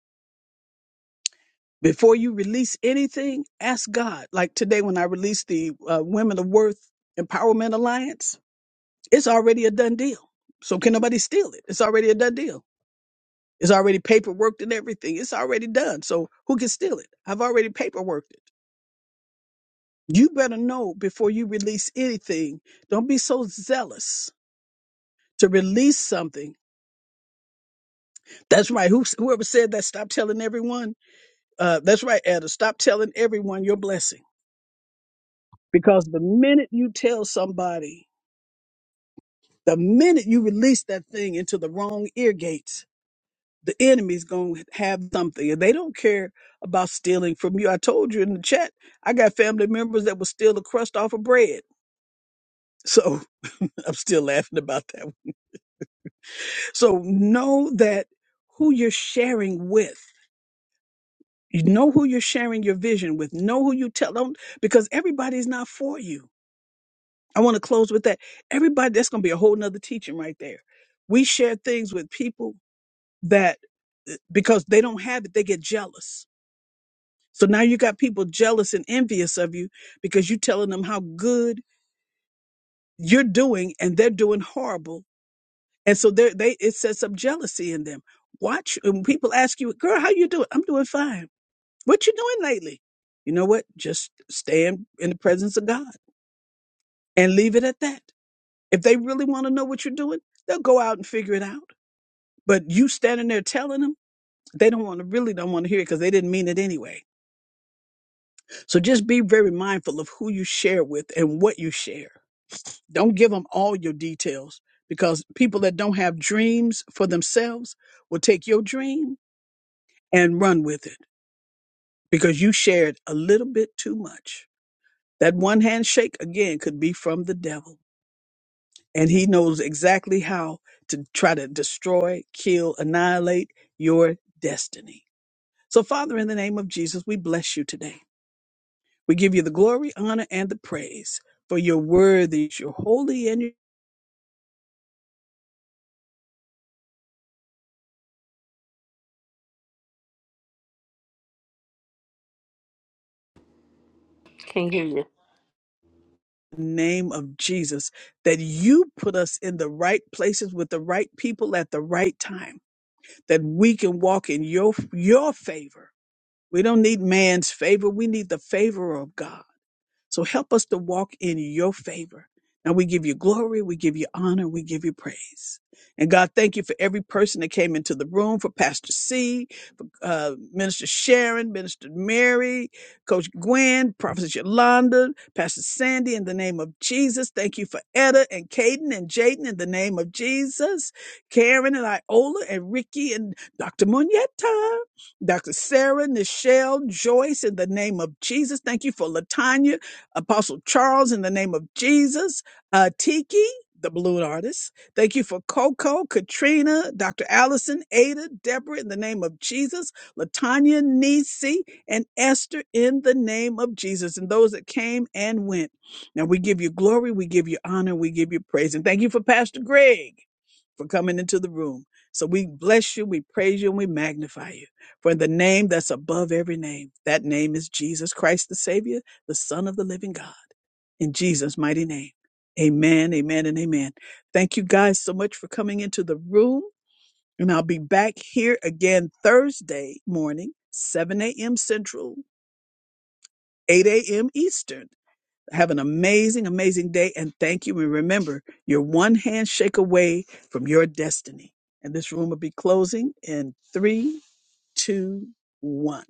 Before you release anything, ask God. Like today when I released the uh, Women of Worth Empowerment Alliance, It's already a done deal. So can nobody steal it? It's already a done deal. It's already paperworked and everything. It's already done. So who can steal it? I've already paperworked it. You better know before you release anything. Don't be so zealous to release something. That's right. Who, whoever said that, stop telling everyone. Uh, that's right, Elder. Stop telling everyone your blessing. Because the minute you tell somebody, the minute you release that thing into the wrong ear gates, the enemy's going to have something and they don't care about stealing from you. I told you in the chat, I got family members that will steal the crust off of bread. So I'm still laughing about that. one. So know that who you're sharing with. You know who you're sharing your vision with. Know who you tell them because everybody's not for you. I want to close with that. Everybody, that's going to be a whole nother teaching right there. We share things with people that eh, because they don't have it, they get jealous So now you got people jealous and envious of you because you're telling them how good you're doing and they're doing horrible. And so they they it sets up jealousy in them. Watch when people ask you, girl, how you doing? I'm doing fine. What you doing lately? You know what? Just stand in the presence of God and leave it at that. If they really want to know what you're doing, they'll go out and figure it out. But you standing there telling them, they don't want to really don't want to hear it because they didn't mean it anyway. So just be very mindful of who you share with and what you share Don't give them all your details because people that don't have dreams for themselves will take your dream and run with it because you shared a little bit too much. That one handshake, again, could be from the devil. And he knows exactly how to try to destroy, kill, annihilate your destiny. So, Father, in the name of Jesus, we bless you today. We give you the glory, honor, and the praise for your worthy, your holy, and your
Can't you.
name of Jesus that you put us in the right places with the right people at the right time, that we can walk in your your favor. We don't need man's favor. We need the favor of God. So help us to walk in your favor. Now we give you glory, we give you honor, we give you praise. And God, thank you for every person that came into the room, for Pastor C uh, Minister Sharon, Minister Mary, Coach Gwen, Prophet Yolanda, Pastor Sandy, in the name of Jesus. Thank you for Etta and Caden and Jaden, in the name of Jesus. Karen and Iola and Ricky and Dr. Muneta, Dr. Sarah, Nichelle, Joyce, in the name of Jesus. Thank you for Latanya, Apostle Charles, in the name of Jesus. Uh, Tiki, the balloon artist. Thank you for Coco, Katrina, Dr. Allison, Ada, Deborah, in the name of Jesus. Latanya, Nisi, and Esther in the name of Jesus, and those that came and went. Now we give you glory, we give you honor, we give you praise. And thank you for Pastor Greg for coming into the room. So we bless you, we praise you, and we magnify you for in the name that's above every name. That name is Jesus Christ, the Savior, the Son of the living God. In Jesus' mighty name. Amen, amen, and amen. Thank you guys so much for coming into the room. And I'll be back here again Thursday morning, 7 a.m. Central, 8 a.m. Eastern. Have an amazing, amazing day. And thank you. And remember, you're one handshake away from your destiny. And this room will be closing in three, two, one.